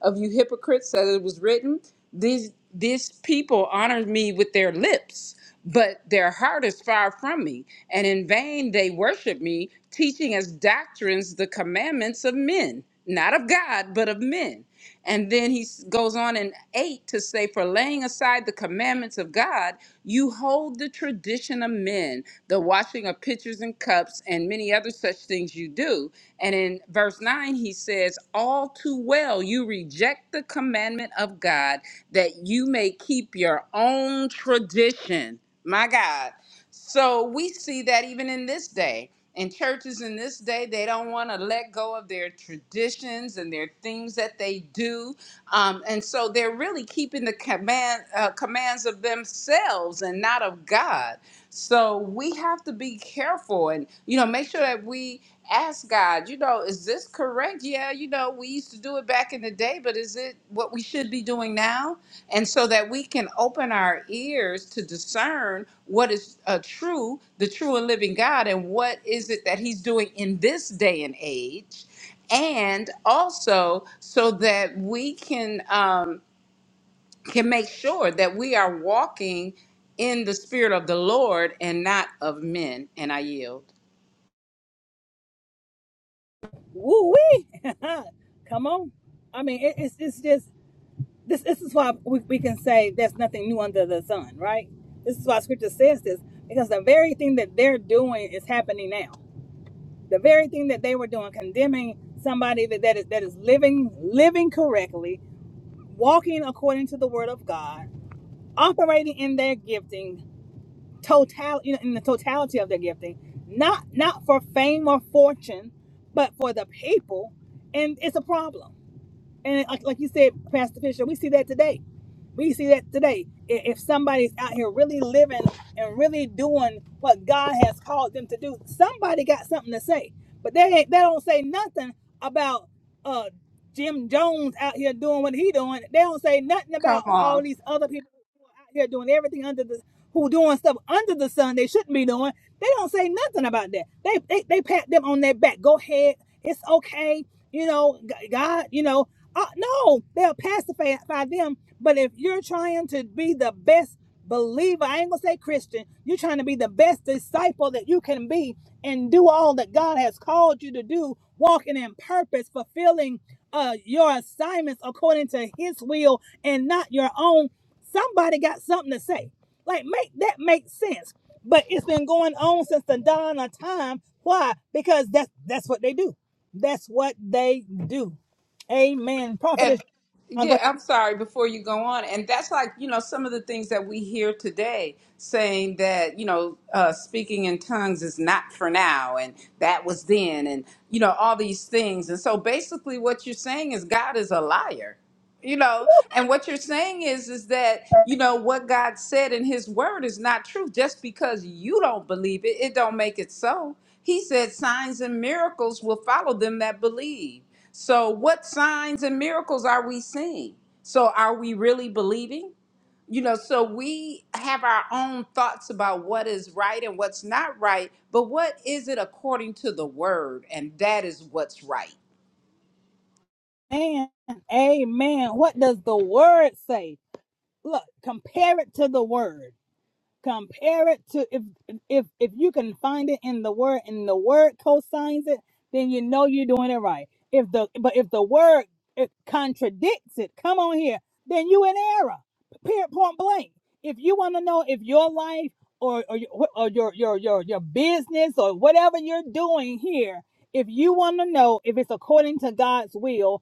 of you hypocrites that it was written? These these people honor me with their lips, but their heart is far from me, and in vain they worship me, teaching as doctrines the commandments of men, not of God, but of men. And then he s- goes on in 8 to say, For laying aside the commandments of God, you hold the tradition of men, the washing of pitchers and cups, and many other such things you do. And in verse 9, he says, All too well, you reject the commandment of God that you may keep your own tradition. My God. So we see that even in this day. And churches in this day, they don't want to let go of their traditions and their things that they do. Um, and so they're really keeping the command, uh, commands of themselves and not of God. So we have to be careful and, you know, make sure that we ask God, you know, is this correct? Yeah, you know, we used to do it back in the day, but is it what we should be doing now? and so that we can open our ears to discern what is a true the true and living god and what is it that he's doing in this day and age and also so that we can um, can make sure that we are walking in the spirit of the lord and not of men and i yield
Woo wee! Come on. I mean, it, it's it's just this. This is why we, we can say there's nothing new under the sun, right? This is why Scripture says this because the very thing that they're doing is happening now. The very thing that they were doing, condemning somebody that, that is that is living living correctly, walking according to the Word of God, operating in their gifting, total you know, in the totality of their gifting, not not for fame or fortune, but for the people, and it's a problem and like, like you said, Pastor Fisher, we see that today. We see that today. I- If somebody's out here really living and really doing what God has called them to do, somebody got something to say. But they ain't, they don't say nothing about uh, Jim Jones out here doing what he doing. They don't say nothing about
come
all
on
these other people who are out here doing everything under the who doing stuff under the sun they shouldn't be doing. They don't say nothing about that. They they, they pat them on their back. Go ahead, it's okay. You know, G- God, you know, uh, no, they'll pacify them. But if you're trying to be the best believer, I ain't gonna say Christian, you're trying to be the best disciple that you can be and do all that God has called you to do, walking in purpose, fulfilling uh, your assignments according to His will and not your own. Somebody got something to say. Like, make that make sense. But it's been going on since the dawn of time. Why? Because that's that's what they do. That's what they do. Amen. Prophetess,
And
I'm going,
yeah, I'm sorry before you go on. And that's like, you know, some of the things that we hear today saying that, you know, uh, speaking in tongues is not for now and that was then and, you know, all these things. And so basically what you're saying is God is a liar. You know, and what you're saying is is that, you know, what God said in his word is not true. Just because you don't believe it, it don't make it so. He said signs and miracles will follow them that believe. So, what signs and miracles are we seeing? So, are we really believing? You know, so we have our own thoughts about what is right and what's not right, but what is it according to the word? And that is what's right.
amen. Amen. What does the word say? Look, compare it to the word. compare it to if if if you can find it in the word and the word co-signs it then you know you're doing it right if the but if the word it contradicts it come on here then you in error period point blank if you want to know if your life or or, your, or your your your your business or whatever you're doing here if you want to know if it's according to god's will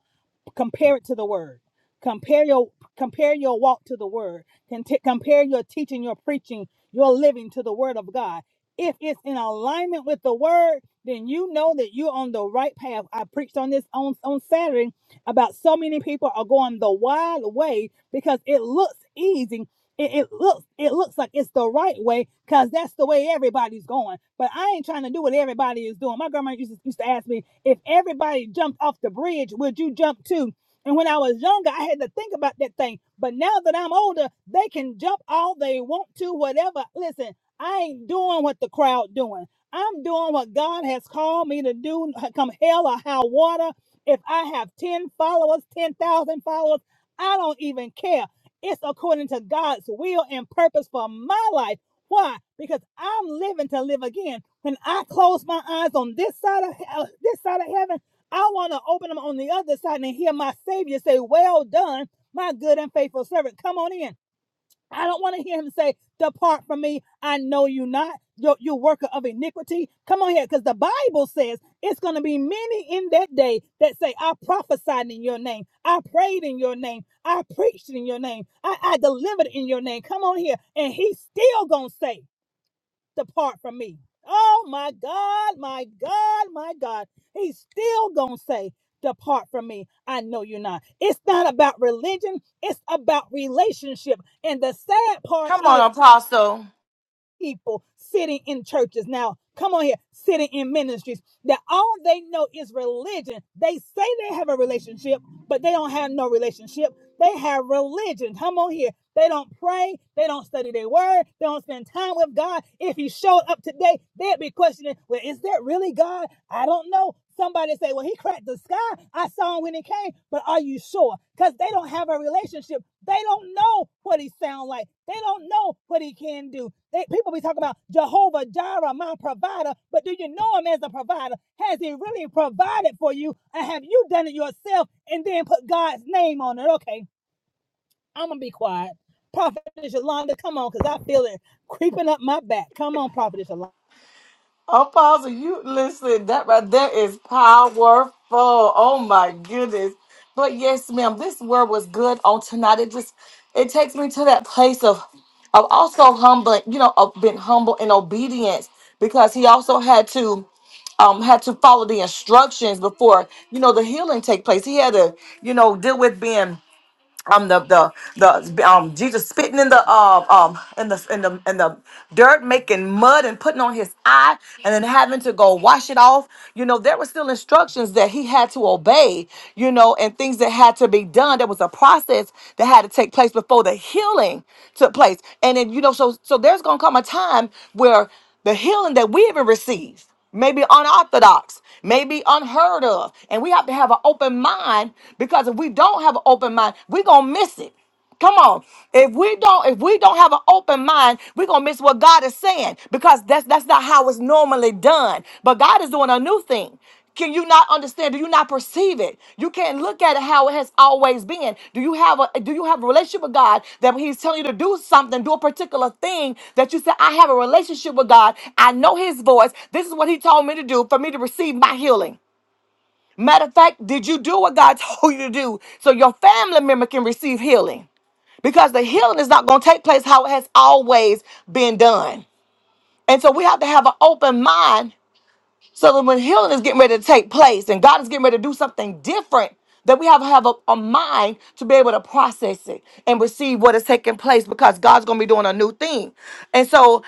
compare it to the word compare your compare your walk to the word Can t- compare your teaching your preaching your living to the word of god if it's in alignment with the word then you know that you're on the right path i preached on this on on saturday about so many people are going the wild way because it looks easy it, it looks it looks like it's the right way because that's the way everybody's going. But I ain't trying to do what everybody is doing. My grandma used to, used to ask me if everybody jumped off the bridge, would you jump too? And when I was younger, I had to think about that thing. But now that I'm older, they can jump all they want to, whatever. Listen, I ain't doing what the crowd doing. I'm doing what God has called me to do. uh, Come hell or high water. If I have 10 followers, 10,000 followers, I don't even care. It's according to God's will and purpose for my life. Why? Because I'm living to live again. When I close my eyes on this side of uh, this side of heaven, I want to open them on the other side and hear my Savior say, "Well done, my good and faithful servant. Come on in." I don't want to hear him say, Depart from me. I know you not. You're, you worker of iniquity. Come on here, because the Bible says it's going to be many in that day that say, I prophesied in your name. I prayed in your name. I preached in your name. I, I delivered in your name. Come on here. And he's still going to say, depart from me. Oh my God, my God, my God. He's still going to say, Depart from me. I know you're not. It's not about religion, it's about relationship. And the sad part
Come
is
on, Apostle.
people sitting in churches now, come on here, sitting in ministries that all they know is religion. They say they have a relationship, but they don't have no relationship. They have religion. Come on here. They don't pray. They don't study their word. They don't spend time with God. If he showed up today, they'd be questioning, well, is that really God? I don't know. Somebody say, well, he cracked the sky. I saw him when he came. But are you sure? Because they don't have a relationship. They don't know what he sounds like. They don't know what he can do. They, people be talking about Jehovah Jireh, my provider. But do you know him as a provider? Has he really provided for you? And have you done it yourself and then put God's name on it? Okay. I'm gonna be quiet. Prophetess Yolanda, come on, because I feel it creeping up my back. Come on, Prophetess Yolanda.
Apostle, you listen, that right there is powerful. Oh my goodness. But yes, ma'am, this word was good on tonight. It just it takes me to that place of of also humbling, you know, of being humble and obedience because he also had to um had to follow the instructions before, you know, the healing take place. He had to, you know, deal with being um the the the um Jesus spitting in the um um in the in the in the dirt, making mud and putting on his eye, and then having to go wash it off. You know, there were still instructions that he had to obey. You know, and things that had to be done. There was a process that had to take place before the healing took place. And then you know, so so there's gonna come a time where the healing that we even receive maybe unorthodox, maybe unheard of. And we have to have an open mind because if we don't have an open mind, we're gonna miss it. Come on. If we don't, if we don't have an open mind, we're gonna miss what God is saying because that's that's not how it's normally done. But God is doing a new thing. Can you not understand? Do you not perceive it? You can't look at it how it has always been. Do you have a do you have a relationship with God that when He's telling you to do something, do a particular thing that you say, I have a relationship with God. I know His voice. This is what He told me to do for me to receive my healing. Matter of fact, did you do what God told you to do so your family member can receive healing? because the healing is not going to take place how it has always been done. And so we have to have an open mind so that when healing is getting ready to take place and God is getting ready to do something different, that we have to have a, a mind to be able to process it and receive what is taking place because God's gonna be doing a new thing. And so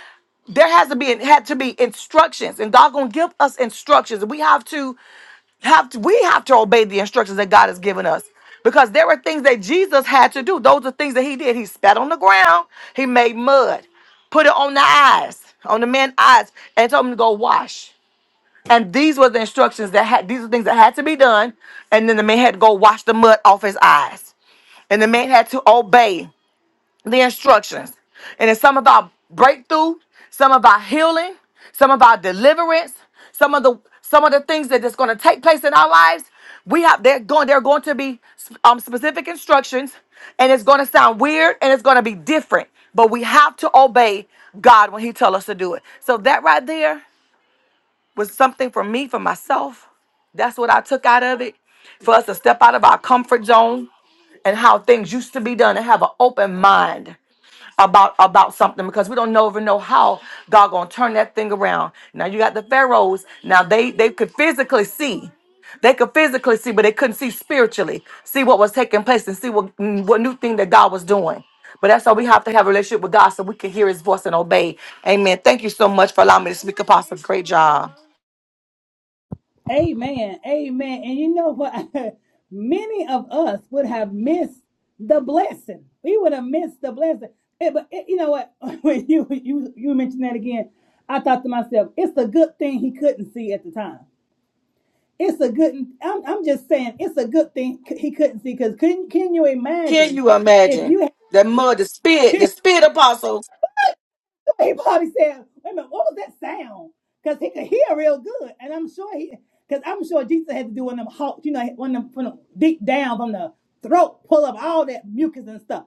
there has to be had to be instructions, and God's gonna give us instructions. We have to have to, we have to obey the instructions that God has given us. Because there were things that Jesus had to do. Those are things that he did. He spat on the ground, he made mud, put it on the eyes, on the man's eyes, and told him to go wash. And these were the instructions that had these are things that had to be done. And then the man had to go wash the mud off his eyes. And the man had to obey the instructions. And it's some about breakthrough, some about healing, some about deliverance, some of the some of the things that is going to take place in our lives. We have they're going they're going to be um, specific instructions, and it's going to sound weird and it's going to be different. But we have to obey God when He tell us to do it. So that right there was something for me, for myself. That's what I took out of it. For us to step out of our comfort zone and how things used to be done and have an open mind about about something because we don't know ever know how God gonna turn that thing around. Now you got the pharaohs. Now they they could physically see, they could physically see, but they couldn't see spiritually, see what was taking place and see what mm, what new thing that God was doing. But that's why we have to have a relationship with God so we can hear His voice and obey. Amen. Thank you so much for allowing me to speak, Apostle. Great job.
Amen. Amen. And you know what? Many of us would have missed the blessing. We would have missed the blessing. Eh, But eh, you know what? When you you you mentioned that again, I thought to myself, it's a good thing he couldn't see at the time. It's a good. I'm I'm just saying, it's a good thing he couldn't see because can can you
Can
imagine
you
if
imagine
you had,
the mud, the spit, the spit apostle?
He probably said, wait a minute, what was that sound? Because he could hear real good. And I'm sure he, because I'm sure Jesus had to do one of them hawks, you know, one of them from the deep down from the throat, pull up all that mucus and stuff.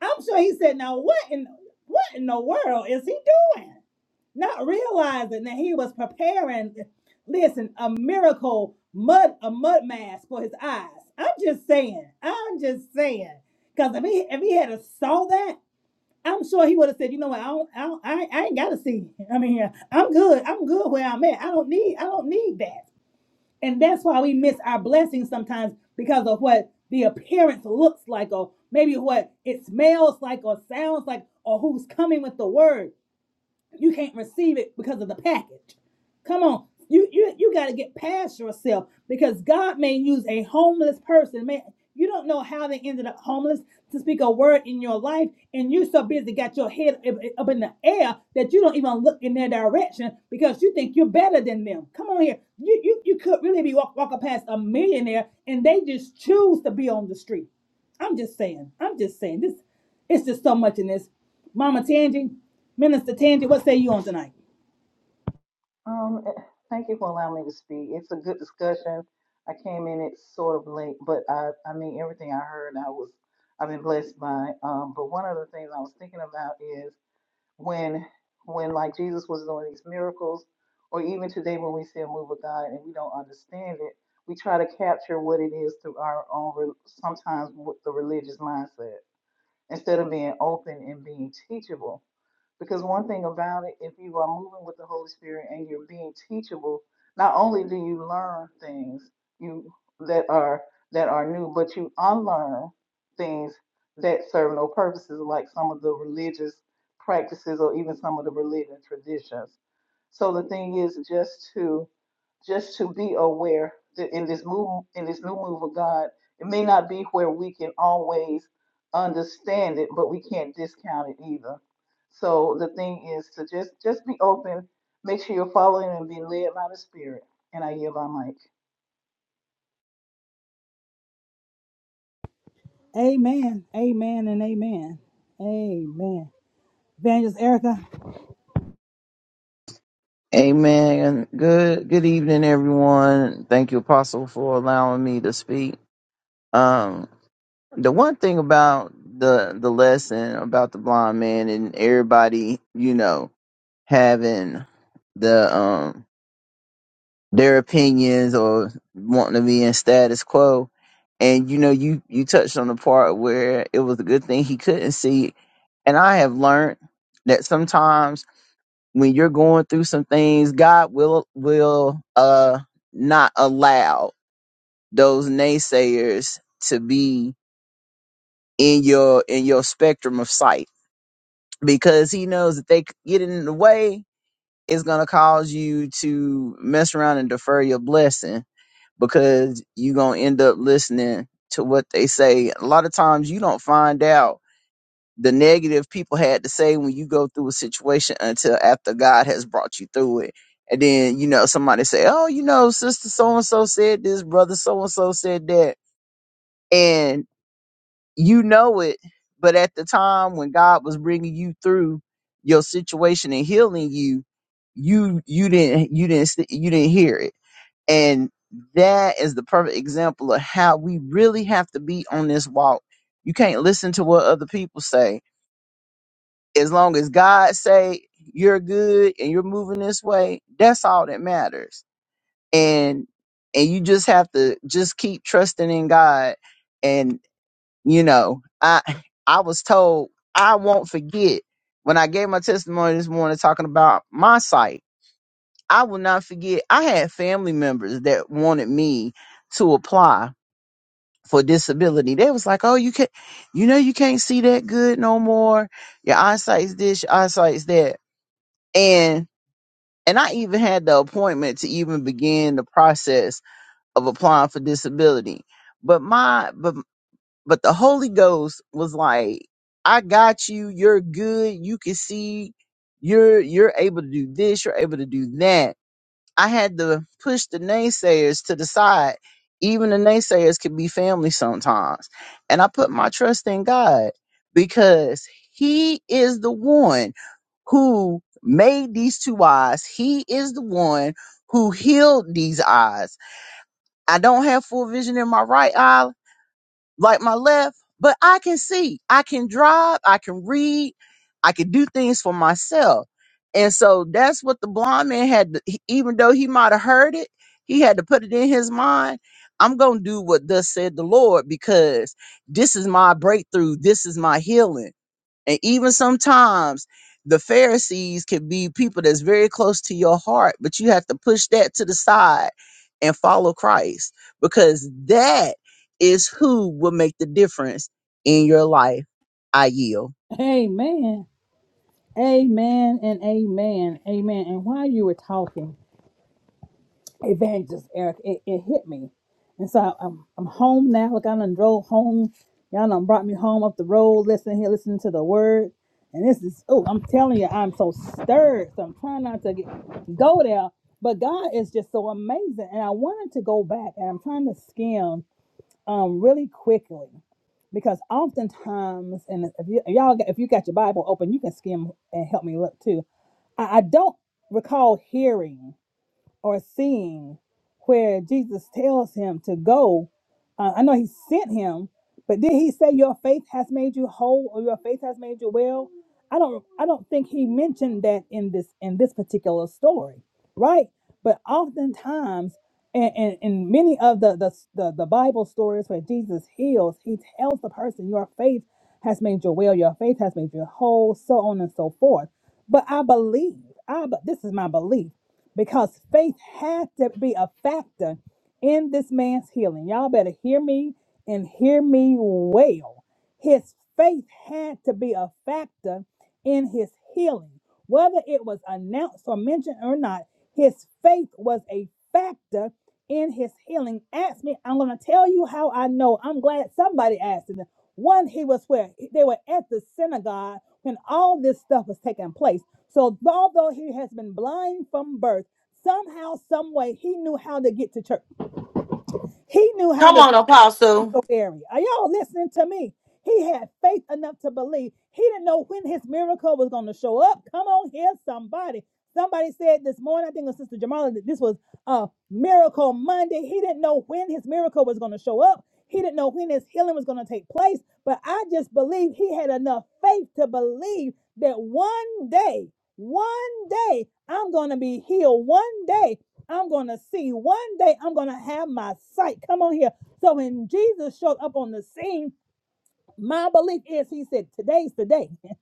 I'm sure he said, now what in what in the world is he doing? Not realizing that he was preparing, listen, a miracle mud, a mud mask for his eyes. I'm just saying, I'm just saying. Because if he if he had a saw that. I'm sure he would have said, you know what, I don't, I, don't, I, I ain't gotta see. I mean, I'm good. I'm good where I'm at. I don't need, I don't need that. And that's why we miss our blessings sometimes because of what the appearance looks like, or maybe what it smells like, or sounds like, or who's coming with the word you can't receive it because of the package. Come on. You you you got to get past yourself because God may use a homeless person. Man, you don't know how they ended up homeless to speak a word in your life, and you're so busy got your head up up in the air that you don't even look in their direction because you think you're better than them. Come on here, you you, you could really be walk, walking past a millionaire, and they just choose to be on the street. I'm just saying. I'm just saying. This it's just so much in this. Mama Tangi, Minister Tangi, what say you on tonight?
Um, eh, thank you for allowing me to speak. It's a good discussion. I came in it sort of late, but I, I mean, everything I heard, I was, I've been blessed by. Um, but one of the things I was thinking about is when, when like Jesus was doing these miracles, or even today when we see a move of God and we don't understand it, we try to capture what it is through our own, re- sometimes with the religious mindset instead of being open and being teachable. Because one thing about it, if you are moving with the Holy Spirit and you're being teachable, not only do you learn things you that are that are new, but you unlearn things that serve no purposes, like some of the religious practices or even some of the religious traditions. So the thing is just to just to be aware that in this move in this new move of God, it may not be where we can always understand it, but we can't discount it either. So the thing is to just just be open, make sure you're following and being led by the Spirit. And I yield my mic.
Amen. Amen and amen. Amen. Evangelist Erica.
Amen. Good good evening, everyone. Thank you, Apostle, for allowing me to speak. Um, the one thing about the the lesson about the blind man and everybody, you know, having the um their opinions or wanting to be in status quo, and you know, you you touched on the part where it was a good thing he couldn't see, and I have learned that sometimes when you're going through some things, God will will uh not allow those naysayers to be in your in your spectrum of sight because he knows that they c- get in the way it's going to cause you to mess around and defer your blessing because you're going to end up listening to what they say. A lot of times you don't find out the negative people had to say when you go through a situation until after God has brought you through it. And then, you know, somebody say, Oh, you know, sister so and so said this, brother so and so said that. And you know it. But at the time when God was bringing you through your situation and healing you, you, you didn't, you didn't, st- you didn't hear it. And that is the perfect example of how we really have to be on this walk. You can't listen to what other people say as long as God say you're good and you're moving this way, that's all that matters. And and you just have to just keep trusting in God. And you know, I I was told I won't forget when I gave my testimony this morning talking about my site. I will not forget. I had family members that wanted me to apply for disability. They was like, "Oh, you can't, you know, you can't see that good no more. Your eyesight's this, your eyesight's that." and and I even had the appointment to even begin the process of applying for disability. But my but but the Holy Ghost was like, I got you, you're good, you can see you're you're able to do this, you're able to do that. I had to push the naysayers to the side. Even the naysayers can be family sometimes. And I put my trust in God because he is the one who made these two eyes. He is the one who healed these eyes. I don't have full vision in my right eye like my left, but I can see. I can drive. I can read. I can do things for myself. And so that's what the blind man had, to, he- even though he might have heard it, he had to put it in his mind. I'm going to do what thus said the Lord because this is my breakthrough. This is my healing and even sometimes the Pharisees can be people that's very close to your heart, but you have to push that to the side and follow Christ because that is who will make the difference in your life. I yield.
Amen. Amen and amen. Amen. And while you were talking, evangelist Eric, it, it hit me. And so I- am I'm home now. Look, I done drove home. Y'all done brought me home up the road, listening here, listening to the word. And this is oh, I'm telling you, I'm so stirred. So I'm trying not to get, go there. But God is just so amazing. And I wanted to go back and I'm trying to skim um really quickly. Because oftentimes, and if you if y'all if you got your Bible open, you can skim and help me look too. I, I don't recall hearing or seeing where Jesus tells him to go. Uh, I know he sent him, but did he say your faith has made you whole or your faith has made you well? I don't I don't think he mentioned that in this in this particular story, right? But oftentimes and in, in, in many of the, the the the Bible stories where Jesus heals, he tells the person your faith has made you well, your faith has made you whole, so on and so forth. But I believe, I but this is my belief because faith had to be a factor in this man's healing. Y'all better hear me and hear me well. His faith had to be a factor in his healing. Whether it was announced or mentioned or not, his faith was a factor in his healing. Ask me, I'm going to tell you how I know. I'm glad somebody asked him. One, he was where they were at the synagogue when all this stuff was taking place. So although he has been blind from birth, somehow, some way, he knew how to get to church. He knew how to
Come on, apostle.
Mary. Are y'all listening to me? He had faith enough to believe. He didn't know when his miracle was going to show up. Come on here, somebody. Somebody said this morning, I think it was Sister Jamala, that this was a miracle Monday. He didn't know when his miracle was going to show up. He didn't know when his healing was going to take place. But I just believe he had enough faith to believe that one day, one day, I'm going to be healed. One day, I'm going to see. One day I'm going to have my sight. Come on here. So when Jesus showed up on the scene, my belief is he said, Today's the day.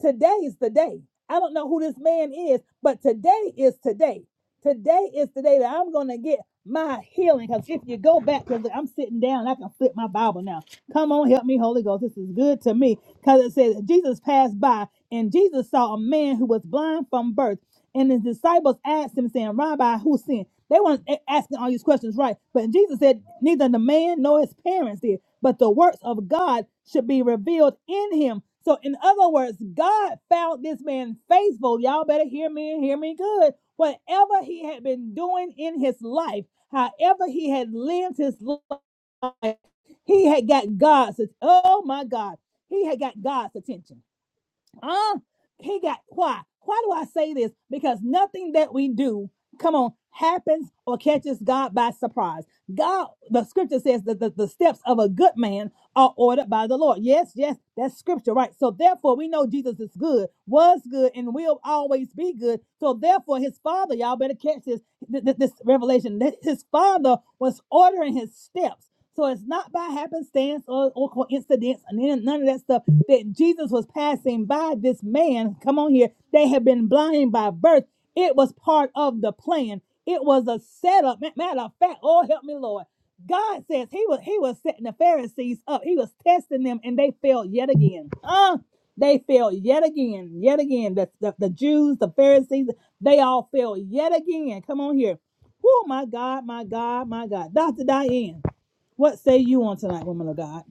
Today's the day. I don't know who this man is, but today is today. Today is the day that I'm going to get my healing. Because if you go back, because I'm sitting down, I can flip my Bible now. Come on, help me, Holy Ghost. This is good to me. Because it says, Jesus passed by and Jesus saw a man who was blind from birth. And the disciples asked him, saying, Rabbi, who sinned? They weren't asking all these questions, right? But Jesus said, Neither the man nor his parents did, but the works of God should be revealed in him. So, in other words, God found this man faithful. Y'all better hear me and hear me good. Whatever he had been doing in his life, however he had lived his life, he had got God's, oh my God, he had got God's attention. Uh, he got why? Why do I say this? Because nothing that we do, come on, happens or catches God by surprise. God, the scripture says that the, the steps of a good man are ordered by the Lord. Yes, yes, that's scripture, right? So therefore, we know Jesus is good, was good, and will always be good. So therefore, his father, y'all better catch this th- th- this revelation that his father was ordering his steps. So it's not by happenstance or, or coincidence and none of that stuff that Jesus was passing by this man. Come on here. They have been blind by birth. It was part of the plan. It was a setup. Ma- Matter of fact, oh help me, Lord. God says he was he was setting the Pharisees up. He was testing them and they failed yet again. Uh, they failed yet again, yet again. The, the, the Jews, the Pharisees, they all failed yet again. Come on here. Oh my God, my God, my God. Dr. Diane. What say you on tonight, woman of God?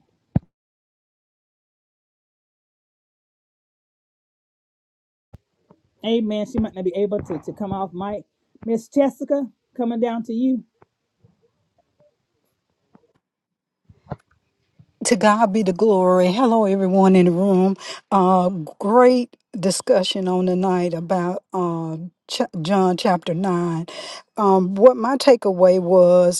Amen. She might not be able to, to come off mic. Miss Jessica, coming down to you.
To God be the glory. Hello, everyone in the room. Uh, great discussion on the night about uh, ch- John chapter 9. Um, what my takeaway was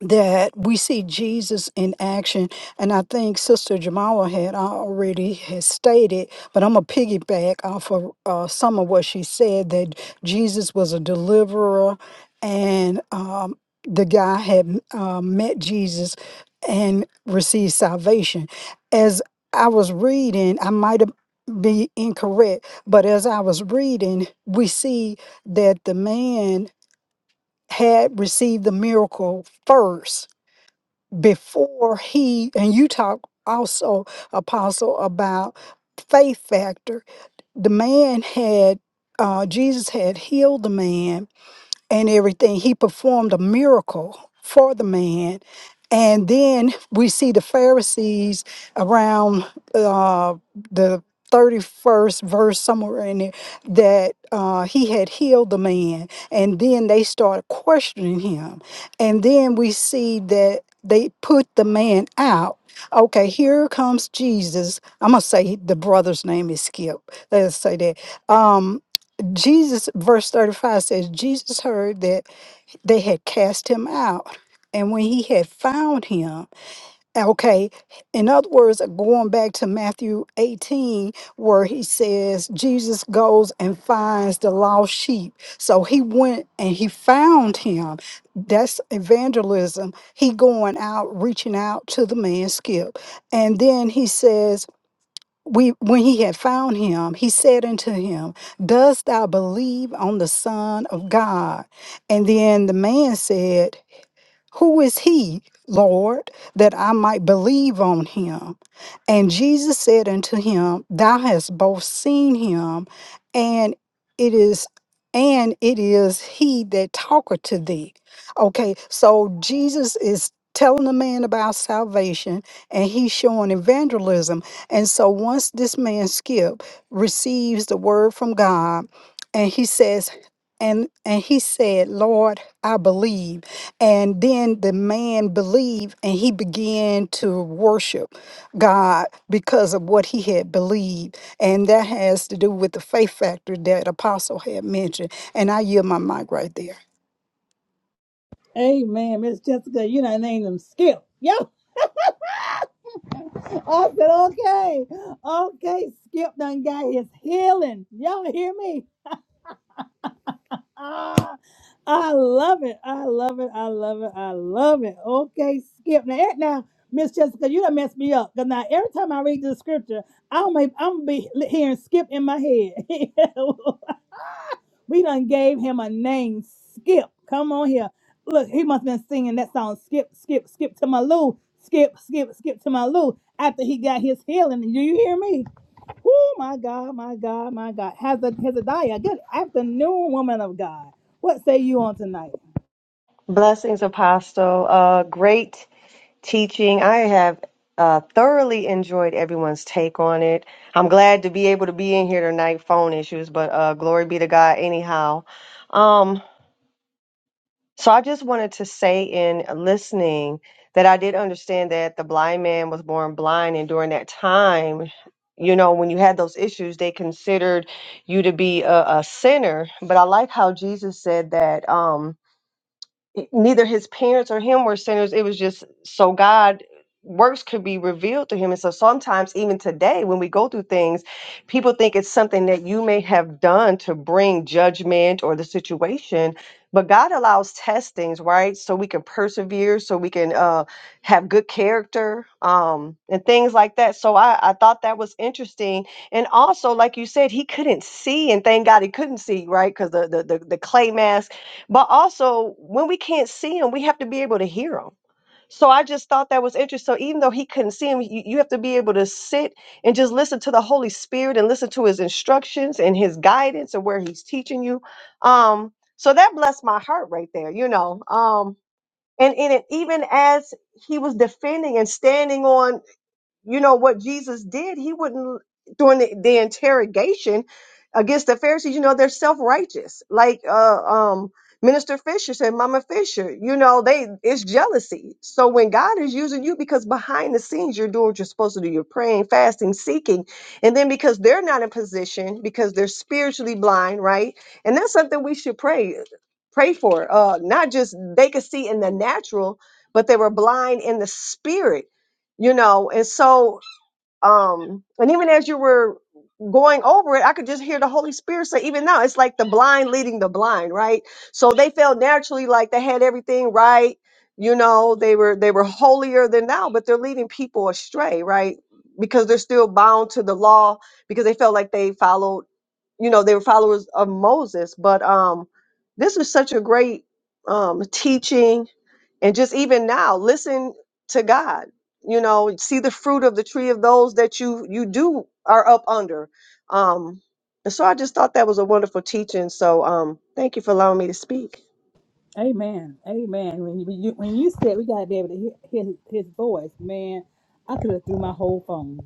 that we see Jesus in action. And I think Sister Jamala had already has stated, but I'm going to piggyback off of uh, some of what she said that Jesus was a deliverer and um, the guy had uh, met Jesus and received salvation. As I was reading, I might have be incorrect, but as I was reading, we see that the man had received the miracle first before he and you talk also apostle about faith factor the man had uh jesus had healed the man and everything. He performed a miracle for the man. And then we see the Pharisees around uh, the 31st verse, somewhere in there, that uh, he had healed the man. And then they started questioning him. And then we see that they put the man out. Okay, here comes Jesus. I'm going to say the brother's name is Skip. Let's say that. Um, Jesus, verse 35 says, Jesus heard that they had cast him out. And when he had found him, okay, in other words, going back to Matthew 18, where he says, Jesus goes and finds the lost sheep. So he went and he found him. That's evangelism. He going out, reaching out to the man Skip. And then he says, we when he had found him he said unto him dost thou believe on the son of god and then the man said who is he lord that i might believe on him and Jesus said unto him, Thou hast both seen him, and it is and it is he that talketh to thee. Okay, so Jesus is telling the man about salvation and he's showing evangelism. And so once this man Skip receives the word from God, and he says, and and he said, Lord, I believe. And then the man believed and he began to worship. God because of what he had believed. And that has to do with the faith factor that Apostle had mentioned. And I yield my mic right there.
Amen. Miss Jessica, you done named him Skip. Yo, I said, okay, okay, Skip done got his healing. Y'all hear me? Ah, I love it. I love it. I love it. I love it. Okay, Skip. Now, eh, now, Miss Jessica, you done messed me up. Cause now every time I read the scripture, I'm a, I'm gonna be hearing Skip in my head. We done gave him a name, Skip. Come on here. Look, he must have been singing that song, Skip, Skip, Skip to my Lou. Skip, Skip, Skip to my Lou. After he got his healing. Do you hear me? Oh my God, my God, my God. Hezed- Hezekiah, good afternoon, woman of God. What say you on tonight?
Blessings, Apostle. Uh, great teaching. I have uh, thoroughly enjoyed everyone's take on it. I'm glad to be able to be in here tonight. Phone issues, but uh, glory be to God. Anyhow, um, so I just wanted to say in listening that I did understand that the blind man was born blind, and during that time, you know, when you had those issues, they considered you to be a, a sinner. But I like how Jesus said that. Um, it- neither his parents or him were sinners. It was just so God works could be revealed to him. And so sometimes even today when we go through things, people think it's something that you may have done to bring judgment or the situation. But God allows testings, right? So we can persevere, so we can uh, have good character um, and things like that. So I, I thought that was interesting. And also, like you said, he couldn't see, and thank God he couldn't see, right? Because the, the the the clay mask but also, when we can't see him, we have to be able to hear him. So I just thought that was interesting. So even though he couldn't see him, you, you have to be able to sit and just listen to the Holy Spirit and listen to his instructions and his guidance and where he's teaching you. Um, so that blessed my heart right there, you know. Um, and, and it, even as he was defending and standing on you know what Jesus did, he wouldn't during the, the interrogation against the Pharisees, you know, they're self-righteous. Like uh um Minister Fisher said, Mama Fisher, you know, they it's jealousy. So when God is using you because behind the scenes you're doing what you're supposed to do, you're praying, fasting, seeking, and then because they're not in position, because they're spiritually blind, right? And that's something we should pray, pray for. Uh not just they could see in the natural, but they were blind in the spirit you know and so um and even as you were going over it i could just hear the holy spirit say even now it's like the blind leading the blind right so they felt naturally like they had everything right you know they were they were holier than now but they're leading people astray right because they're still bound to the law because they felt like they followed you know they were followers of moses but um this is such a great um teaching and just even now listen to god you know see the fruit of the tree of those that you you do are up under um and so i just thought that was a wonderful teaching so um thank you for allowing me to speak
Amen. Amen. When you, when you when you said we gotta be able to hear hear his, his voice, man, I could have threw my whole phone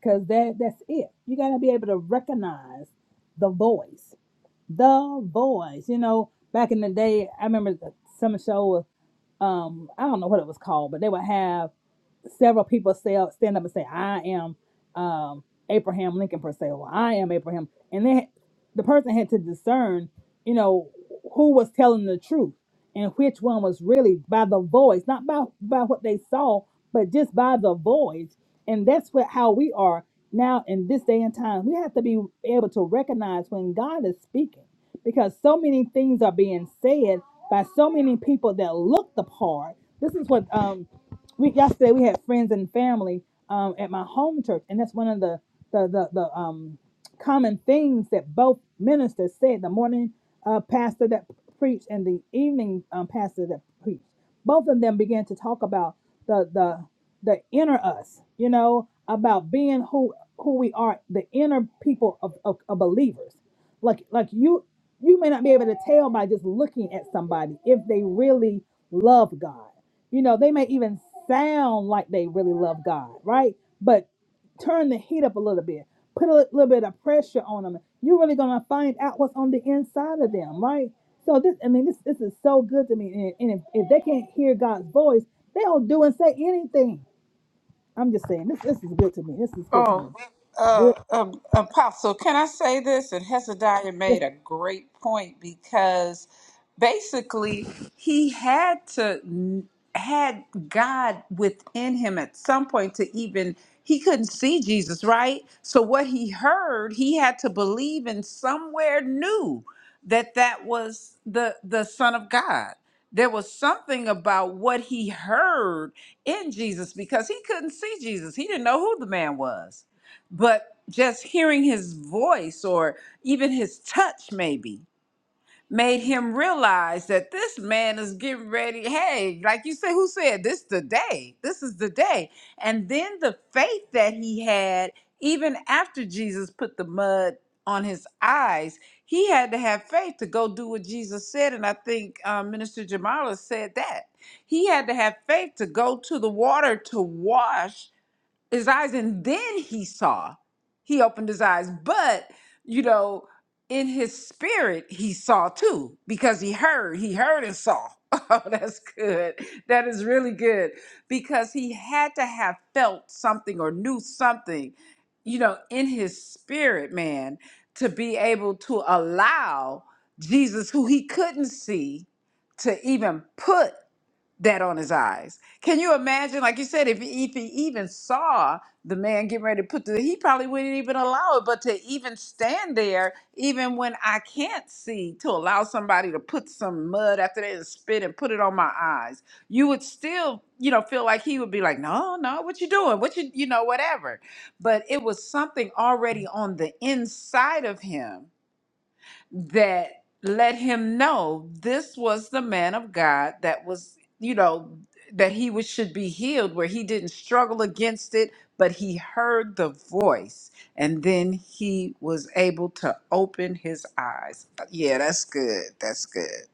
because that that's it. You gotta be able to recognize the voice. The Voice. You know, back in the day, I remember the summer show. Was, um, I don't know what it was called, but they would have several people say stand up and say, "I am um, Abraham Lincoln Purcell. Or, I am Abraham," and then the person had to discern, you know, who was telling the truth and which one was really by the voice, not by by what they saw, but just by the voice. And that's what how we are now in this day and time we have to be able to recognize when god is speaking because so many things are being said by so many people that look the part this is what um we yesterday we had friends and family um at my home church and that's one of the the the, the um common things that both ministers said the morning uh, pastor that preached and the evening um, pastor that preached both of them began to talk about the the the inner us, you know, about being who who we are, the inner people of, of, of believers. Like like you you may not be able to tell by just looking at somebody if they really love God. You know, they may even sound like they really love God, right? But turn the heat up a little bit, put a little bit of pressure on them. You're really gonna find out what's on the inside of them, right? So this, I mean, this this is so good to me. And, and if, if they can't hear God's voice, they'll do and say anything I'm just saying this. This is good to me. This is good to
Oh,
me.
uh,
Good.
uh, Apostle, can I say this? And Hezekiah
Yes.
made a great point because basically he had to had God within him at some point to even he couldn't see Jesus, right? So what he heard, he had to believe in somewhere new that that was the the Son of God. There was something about what he heard in Jesus because he couldn't see Jesus. He didn't know who the man was. But just hearing his voice or even his touch, maybe, made him realize that this man is getting ready. Hey, like you said, who said this the day? This is the day. And then the faith that he had, even after Jesus put the mud on his eyes, he had to have faith to go do what Jesus said. And I think um, Minister Jamala said that. He had to have faith to go to the water to wash his eyes and then he saw he opened his eyes but you know in his spirit he saw too because he heard he heard and saw oh that's good that is really good because he had to have felt something or knew something you know in his spirit man to be able to allow jesus who he couldn't see to even put that on his eyes. Can you imagine? Like you said, if he, if he even saw the man getting ready to put the, he probably wouldn't even allow it. But to even stand there, even when I can't see, to allow somebody to put some mud after they and spit and put it on my eyes, you would still, you know, feel like he would be like, no, no, what you doing? What you, you know, whatever. But it was something already on the inside of him that let him know this was the man of God that was, you know, that he was, should be healed, where he didn't struggle against it, but he heard the voice and then he was able to open his eyes. Yeah, that's good. That's good.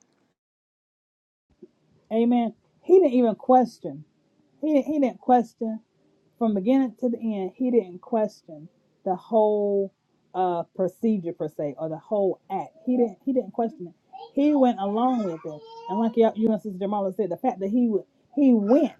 Amen. He didn't even question. He didn't, he didn't question from beginning to the end. He didn't question the whole uh, procedure per se or the whole act. He didn't. He didn't question it. He went along with it. And like you you and Sister Jamala said, the fact that he would he went.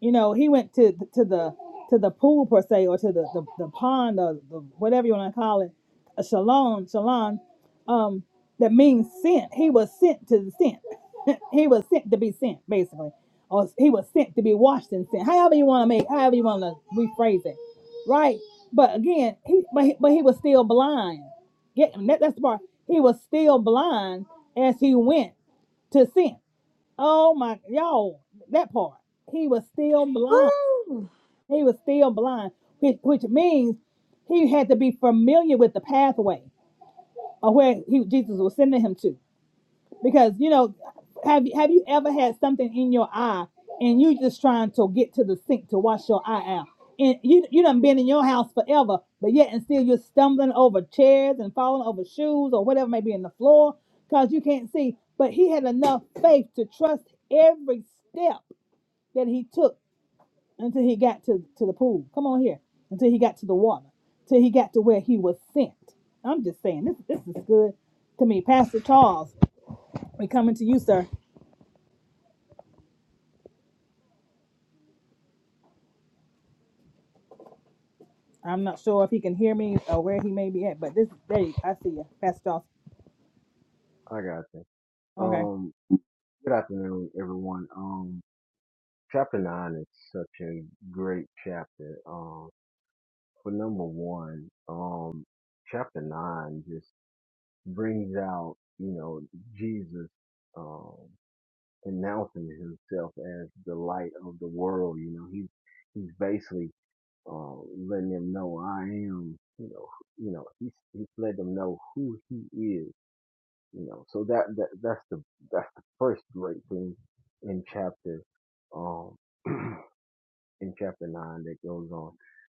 you know, he went to to the to the pool per se, or to the the, the pond, or the whatever you want to call it, a shalom, shalom, um, that means sent. He was sent to the sent. he was sent to be sent, basically, or he was sent to be washed and sent. However you want to make, however you want to rephrase it, right? But again, he but he, but he was still blind. Get that, that's the part. He was still blind as he went to sin. Oh my, y'all, that part. He was still blind.
Woo!
He was still blind, which, which means he had to be familiar with the pathway or where he, Jesus was sending him to. Because you know, have have you ever had something in your eye and you just trying to get to the sink to wash your eye out? And you you done been in your house forever, but yet and still you're stumbling over chairs and falling over shoes or whatever may be in the floor because you can't see. But he had enough faith to trust every step that he took until he got to, to the pool. Come on here. Until he got to the water. Till he got to where he was sent. I'm just saying, this this is good to me. Pastor Charles, we coming to you, sir. I'm not sure if he can hear me or where he may be at, but this there you, I see you, Pastor Charles.
I got you.
Okay.
Um. Good afternoon, everyone. Um. Chapter nine is such a great chapter. Um. For number one, um, chapter nine just brings out you know Jesus. Um. announcing himself as the light of the world. You know, he's he's basically uh, letting them know I am. You know, you know, he's he's letting them know who he is. You know, so that that that's the that's the first great thing in chapter um in chapter nine that goes on,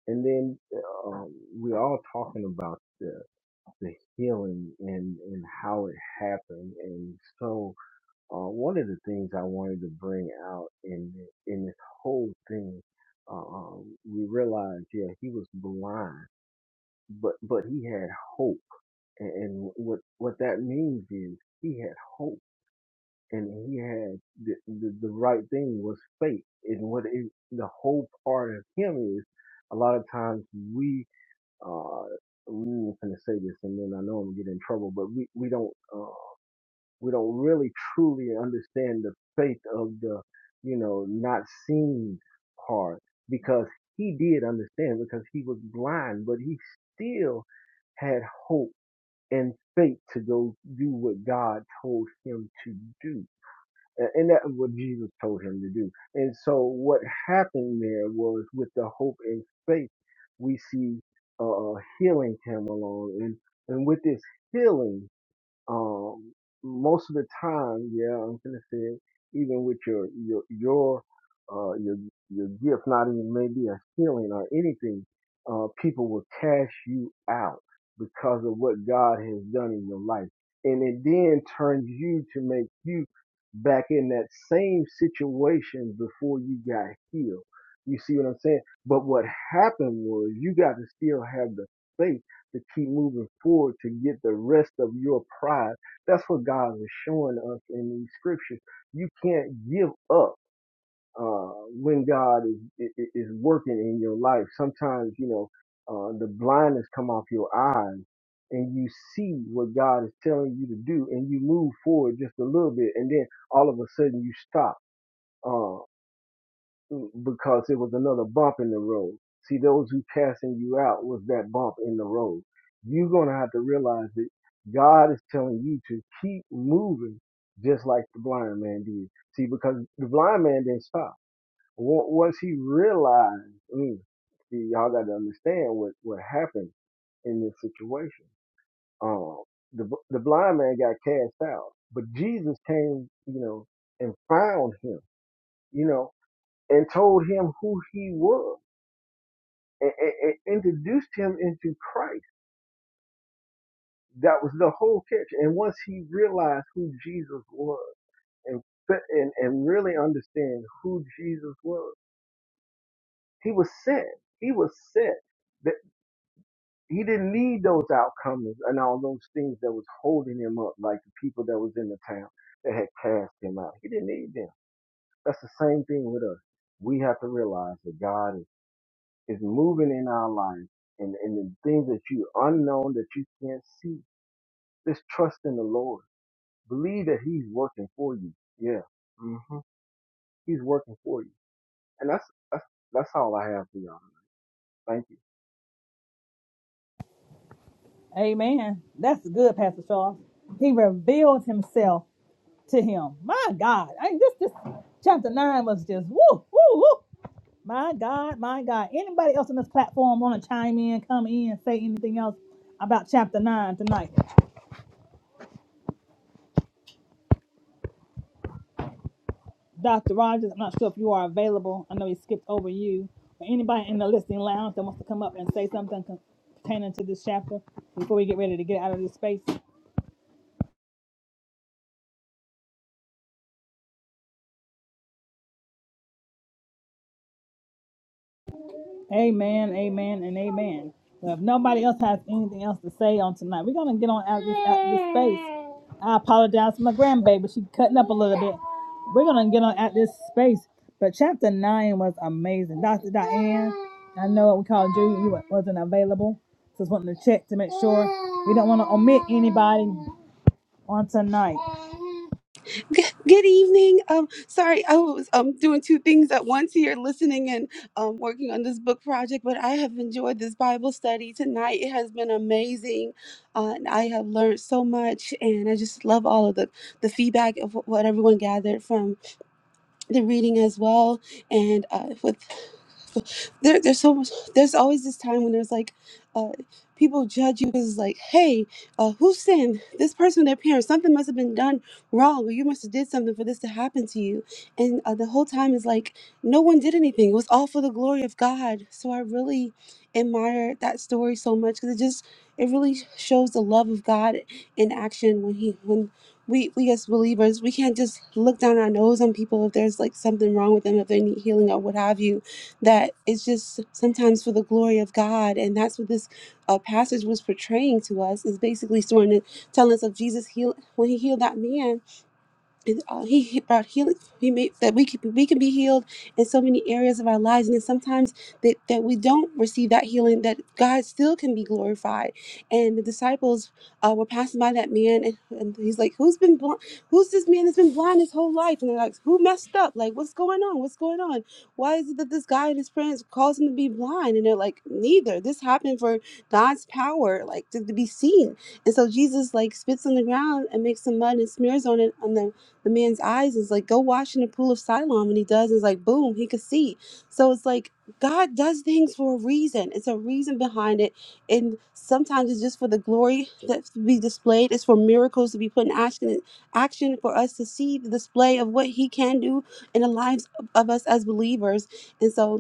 and then um, we're all talking about the the healing and and how it happened, and so uh, one of the things I wanted to bring out in thi- in this whole thing, uh, um, we realized, yeah, he was blind, but but he had hope, and, and what what that means is he had hope, and he had the the, the right thing was faith, and what it, the whole part of him is, a lot of times we. Uh, we were going to say this, and then I know I'm gonna get in trouble, but we we don't. uh, we don't really truly understand the faith of the you know not seen part because he did understand because he was blind but he still had hope and faith to go do what god told him to do and that's what jesus told him to do and so what happened there was with the hope and faith we see uh, uh, healing came along and and with this healing um, most of the time, yeah, I'm gonna say, even with your your your uh your your gift, not even maybe a healing or anything, uh, people will cash you out because of what God has done in your life, and it then turns you to make you back in that same situation before you got healed. You see what I'm saying? But what happened was you got to still have the faith to keep moving forward to get the rest of your prize. That's what God is showing us in these scriptures. You can't give up uh, when God is is working in your life. Sometimes you know uh, the blindness come off your eyes, and you see what God is telling you to do, and you move forward just a little bit, and then all of a sudden you stop. Uh, because it was another bump in the road. See, those who casting you out was that bump in the road. You're going to have to realize that God is telling you to keep moving just like the blind man did. See, because the blind man didn't stop. Wa- Once he realized, mm, see, y'all got to understand what, what happened in this situation. Um, the, b- the blind man got cast out, but Jesus came, you know, and found him, you know, and told him who he was and, and, and introduced him into Christ. That was the whole catch. And once he realized who Jesus was and and, and really understand who Jesus was, he was set. He was set. That he didn't need those outcomes and all those things that was holding him up, like the people that was in the town that had cast him out. He didn't need them. That's the same thing with us. We have to realize that God is. is moving in our lives and, and the things that you unknown that you can't see. Just trust in the Lord. Believe that He's working for you. Yeah. hmm He's working for you. And that's, that's, that's all I have for y'all. Thank you.
Amen. That's good, Pastor Charles. He revealed himself to him. My God. I this this chapter nine was just woo, woo, woo. My God, my God. Anybody else on this platform want to chime in, come in, say anything else about chapter nine tonight? Dr. Rogers, I'm not sure if you are available. I know he skipped over you. But anybody in the listening lounge that wants to come up and say something con- pertaining to this chapter before we get ready to get out of this space? Amen, amen, and amen. Well, if nobody else has anything else to say on tonight, we're gonna get on out of this, out of this space. I apologize for my grandbaby; she cutting up a little bit. We're gonna get on out this space. But chapter nine was amazing, Doctor Diane. I know we called you; you wasn't available, so just wanting to check to make sure we don't want to omit anybody on tonight.
Good evening. Um, sorry, I was um doing two things at once here, listening and um working on this book project. But I have enjoyed this Bible study tonight. It has been amazing, uh, and I have learned so much. And I just love all of the the feedback of wh- what everyone gathered from the reading as well. And uh, there, there's so much there's always this time when there's like uh people judge you because like hey uh who sinned this person their parents something must have been done wrong or you must have did something for this to happen to you and uh, the whole time is like no one did anything it was all for the glory of god so i really admire that story so much because it just it really shows the love of god in action when he when we, we as believers we can't just look down our nose on people if there's like something wrong with them if they need healing or what have you that it's just sometimes for the glory of God. And that's what this uh, passage was portraying to us is basically sort of telling us of Jesus heal when he healed that man and uh, he, he brought healing. He made that we could we can be healed in so many areas of our lives, and then sometimes that that we don't receive that healing, that God still can be glorified. And the disciples uh, were passing by that man, and, and he's like, "Who's been blind? Who's this man that's been blind his whole life?" And they're like, "Who messed up? Like, what's going on? What's going on? Why is it that this guy and his friends caused him to be blind?" And they're like, "Neither. This happened for God's power, like to, to be seen." And so Jesus like spits on the ground and makes some mud and smears on it on the the man's eyes is like, go wash in the pool of Siloam. And he does, and it's like, boom, he could see. So it's like, God does things for a reason. It's a reason behind it. And sometimes it's just for the glory that's to be displayed. It's for miracles to be put in action, action for us to see the display of what he can do in the lives of of us as believers. And so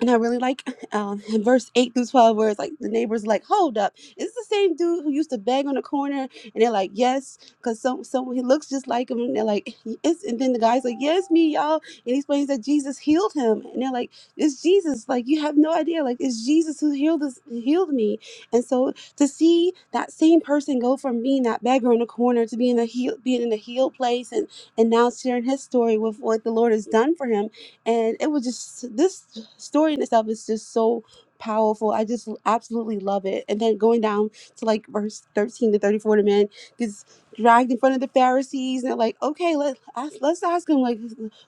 and I really like um, in verse 8 through 12, where it's like the neighbors like, hold up, is this the same dude who used to beg on the corner? And they're like, yes, because so, so he looks just like him. And they're like, yes. And then the guy's like, yes, me, y'all. And he explains that Jesus healed him. And they're like, it's Jesus. Like, you have no idea. Like, it's Jesus who healed us, healed me. And so to see that same person go from being that beggar in the corner to being, a heal, being in a healed place and, and now sharing his story with what the Lord has done for him and it was just this story in itself is just so powerful i just absolutely love it and then going down to like verse 13 to 34 the man gets dragged in front of the pharisees and they're like okay let, ask, let's ask him like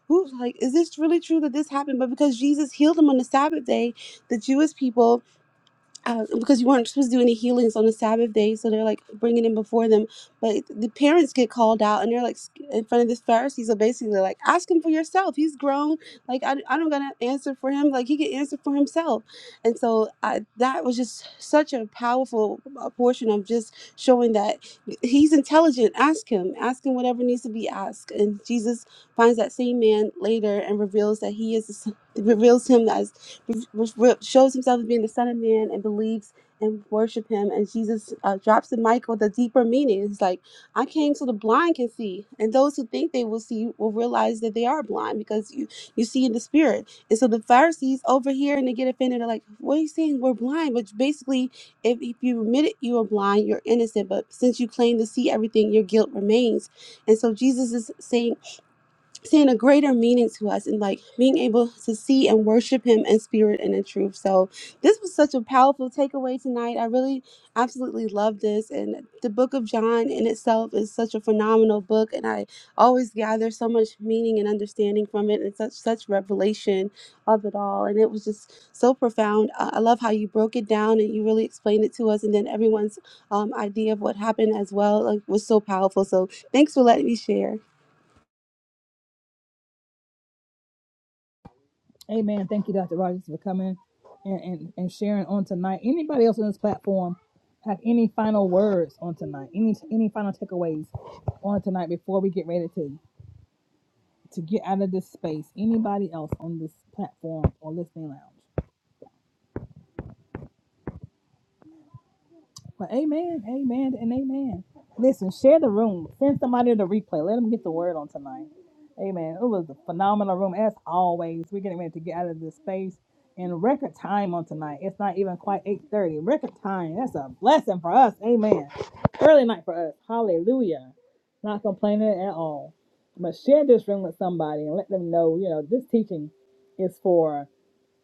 who like is this really true that this happened but because jesus healed him on the sabbath day the jewish people uh, because you weren't supposed to do any healings on the Sabbath day, so they're like bringing him before them. But the parents get called out, and they're like sc- in front of this Pharisee. So basically, like, ask him for yourself. He's grown. Like, I, I don't gotta answer for him. Like, he can answer for himself. And so I, that was just such a powerful uh, portion of just showing that he's intelligent. Ask him. Ask him whatever needs to be asked. And Jesus finds that same man later and reveals that he is the son- reveals him as which re- shows himself as being the Son of Man and believes and worship him. And Jesus uh, drops to Michael the mic with a deeper meaning. It's like, I came so the blind can see, and those who think they will see will realize that they are blind because you you see in the spirit. And so the Pharisees over here and they get offended. They're like, "What are you saying? We're blind." But basically, if, if you admit it, you are blind. You're innocent. But since you claim to see everything, your guilt remains. And so Jesus is saying seeing a greater meaning to us and like being able to see and worship him in spirit and in truth. So this was such a powerful takeaway tonight. I really absolutely love this and the book of John in itself is such a phenomenal book and I always gather so much meaning and understanding from it and such such revelation of it all and it was just so profound. I I love how you broke it down and you really explained it to us and then everyone's um, idea of what happened as well like was so powerful. So thanks for letting me share.
Amen. Thank you, Dr. Rogers, for coming and, and, and sharing on tonight. Anybody else on this platform have any final words on tonight? Any any final takeaways on tonight before we get ready to to get out of this space? Anybody else on this platform or listening lounge? Well, amen, amen, and amen. Listen, share the room. Send somebody the replay. Let them get the word on tonight. Amen. It was a phenomenal room as always. We're getting ready to get out of this space in record time on tonight. It's not even quite 8:30. Record time. That's a blessing for us. Amen. Early night for us. Hallelujah. Not complaining at all. But share this room with somebody and let them know, you know, this teaching is for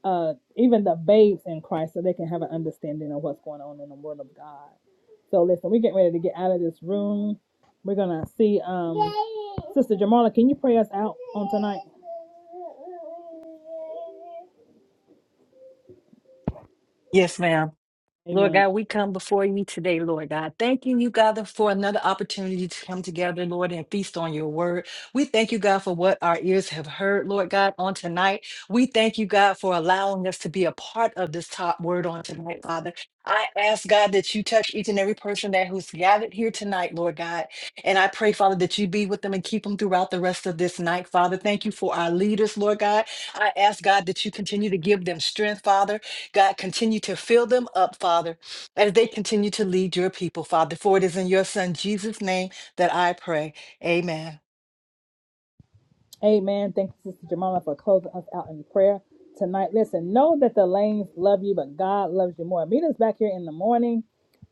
uh, even the babes in Christ so they can have an understanding of what's going on in the Word of God. So listen, we're getting ready to get out of this room. We're gonna see um Sister Jamala, can you pray us out on tonight?
Yes, ma'am. Lord
Amen.
God, we come before you today, Lord God, thanking you, God, for another opportunity to come together, Lord, and feast on your word. We thank you, God, for what our ears have heard, Lord God, on tonight. We thank you, God, for allowing us to be a part of this top word on tonight, Father. I ask, God, that you touch each and every person that who's gathered here tonight, Lord God. And I pray, Father, that you be with them and keep them throughout the rest of this night, Father. Thank you for our leaders, Lord God. I ask, God, that you continue to give them strength, Father. God, continue to fill them up, Father, as they continue to lead your people, Father. For it is in your Son, Jesus' name, that I pray. Amen.
Amen. Thank you, Sister Jamala, for closing us out in prayer tonight. Listen, know that the lanes love you, but God loves you more. Meet us back here in the morning.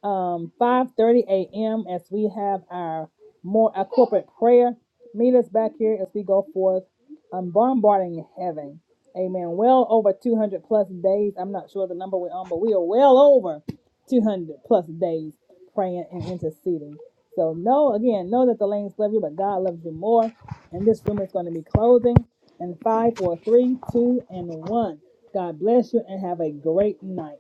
um, 5.30 a.m. as we have our more a corporate prayer. Meet us back here as we go forth um, bombarding heaven. Amen. Well over 200 plus days. I'm not sure the number we're on, but we are well over 200 plus days praying and interceding. So know, again, know that the lanes love you, but God loves you more. And this room is going to be closing in five, four, three, two, and 1. God bless you and have a great night.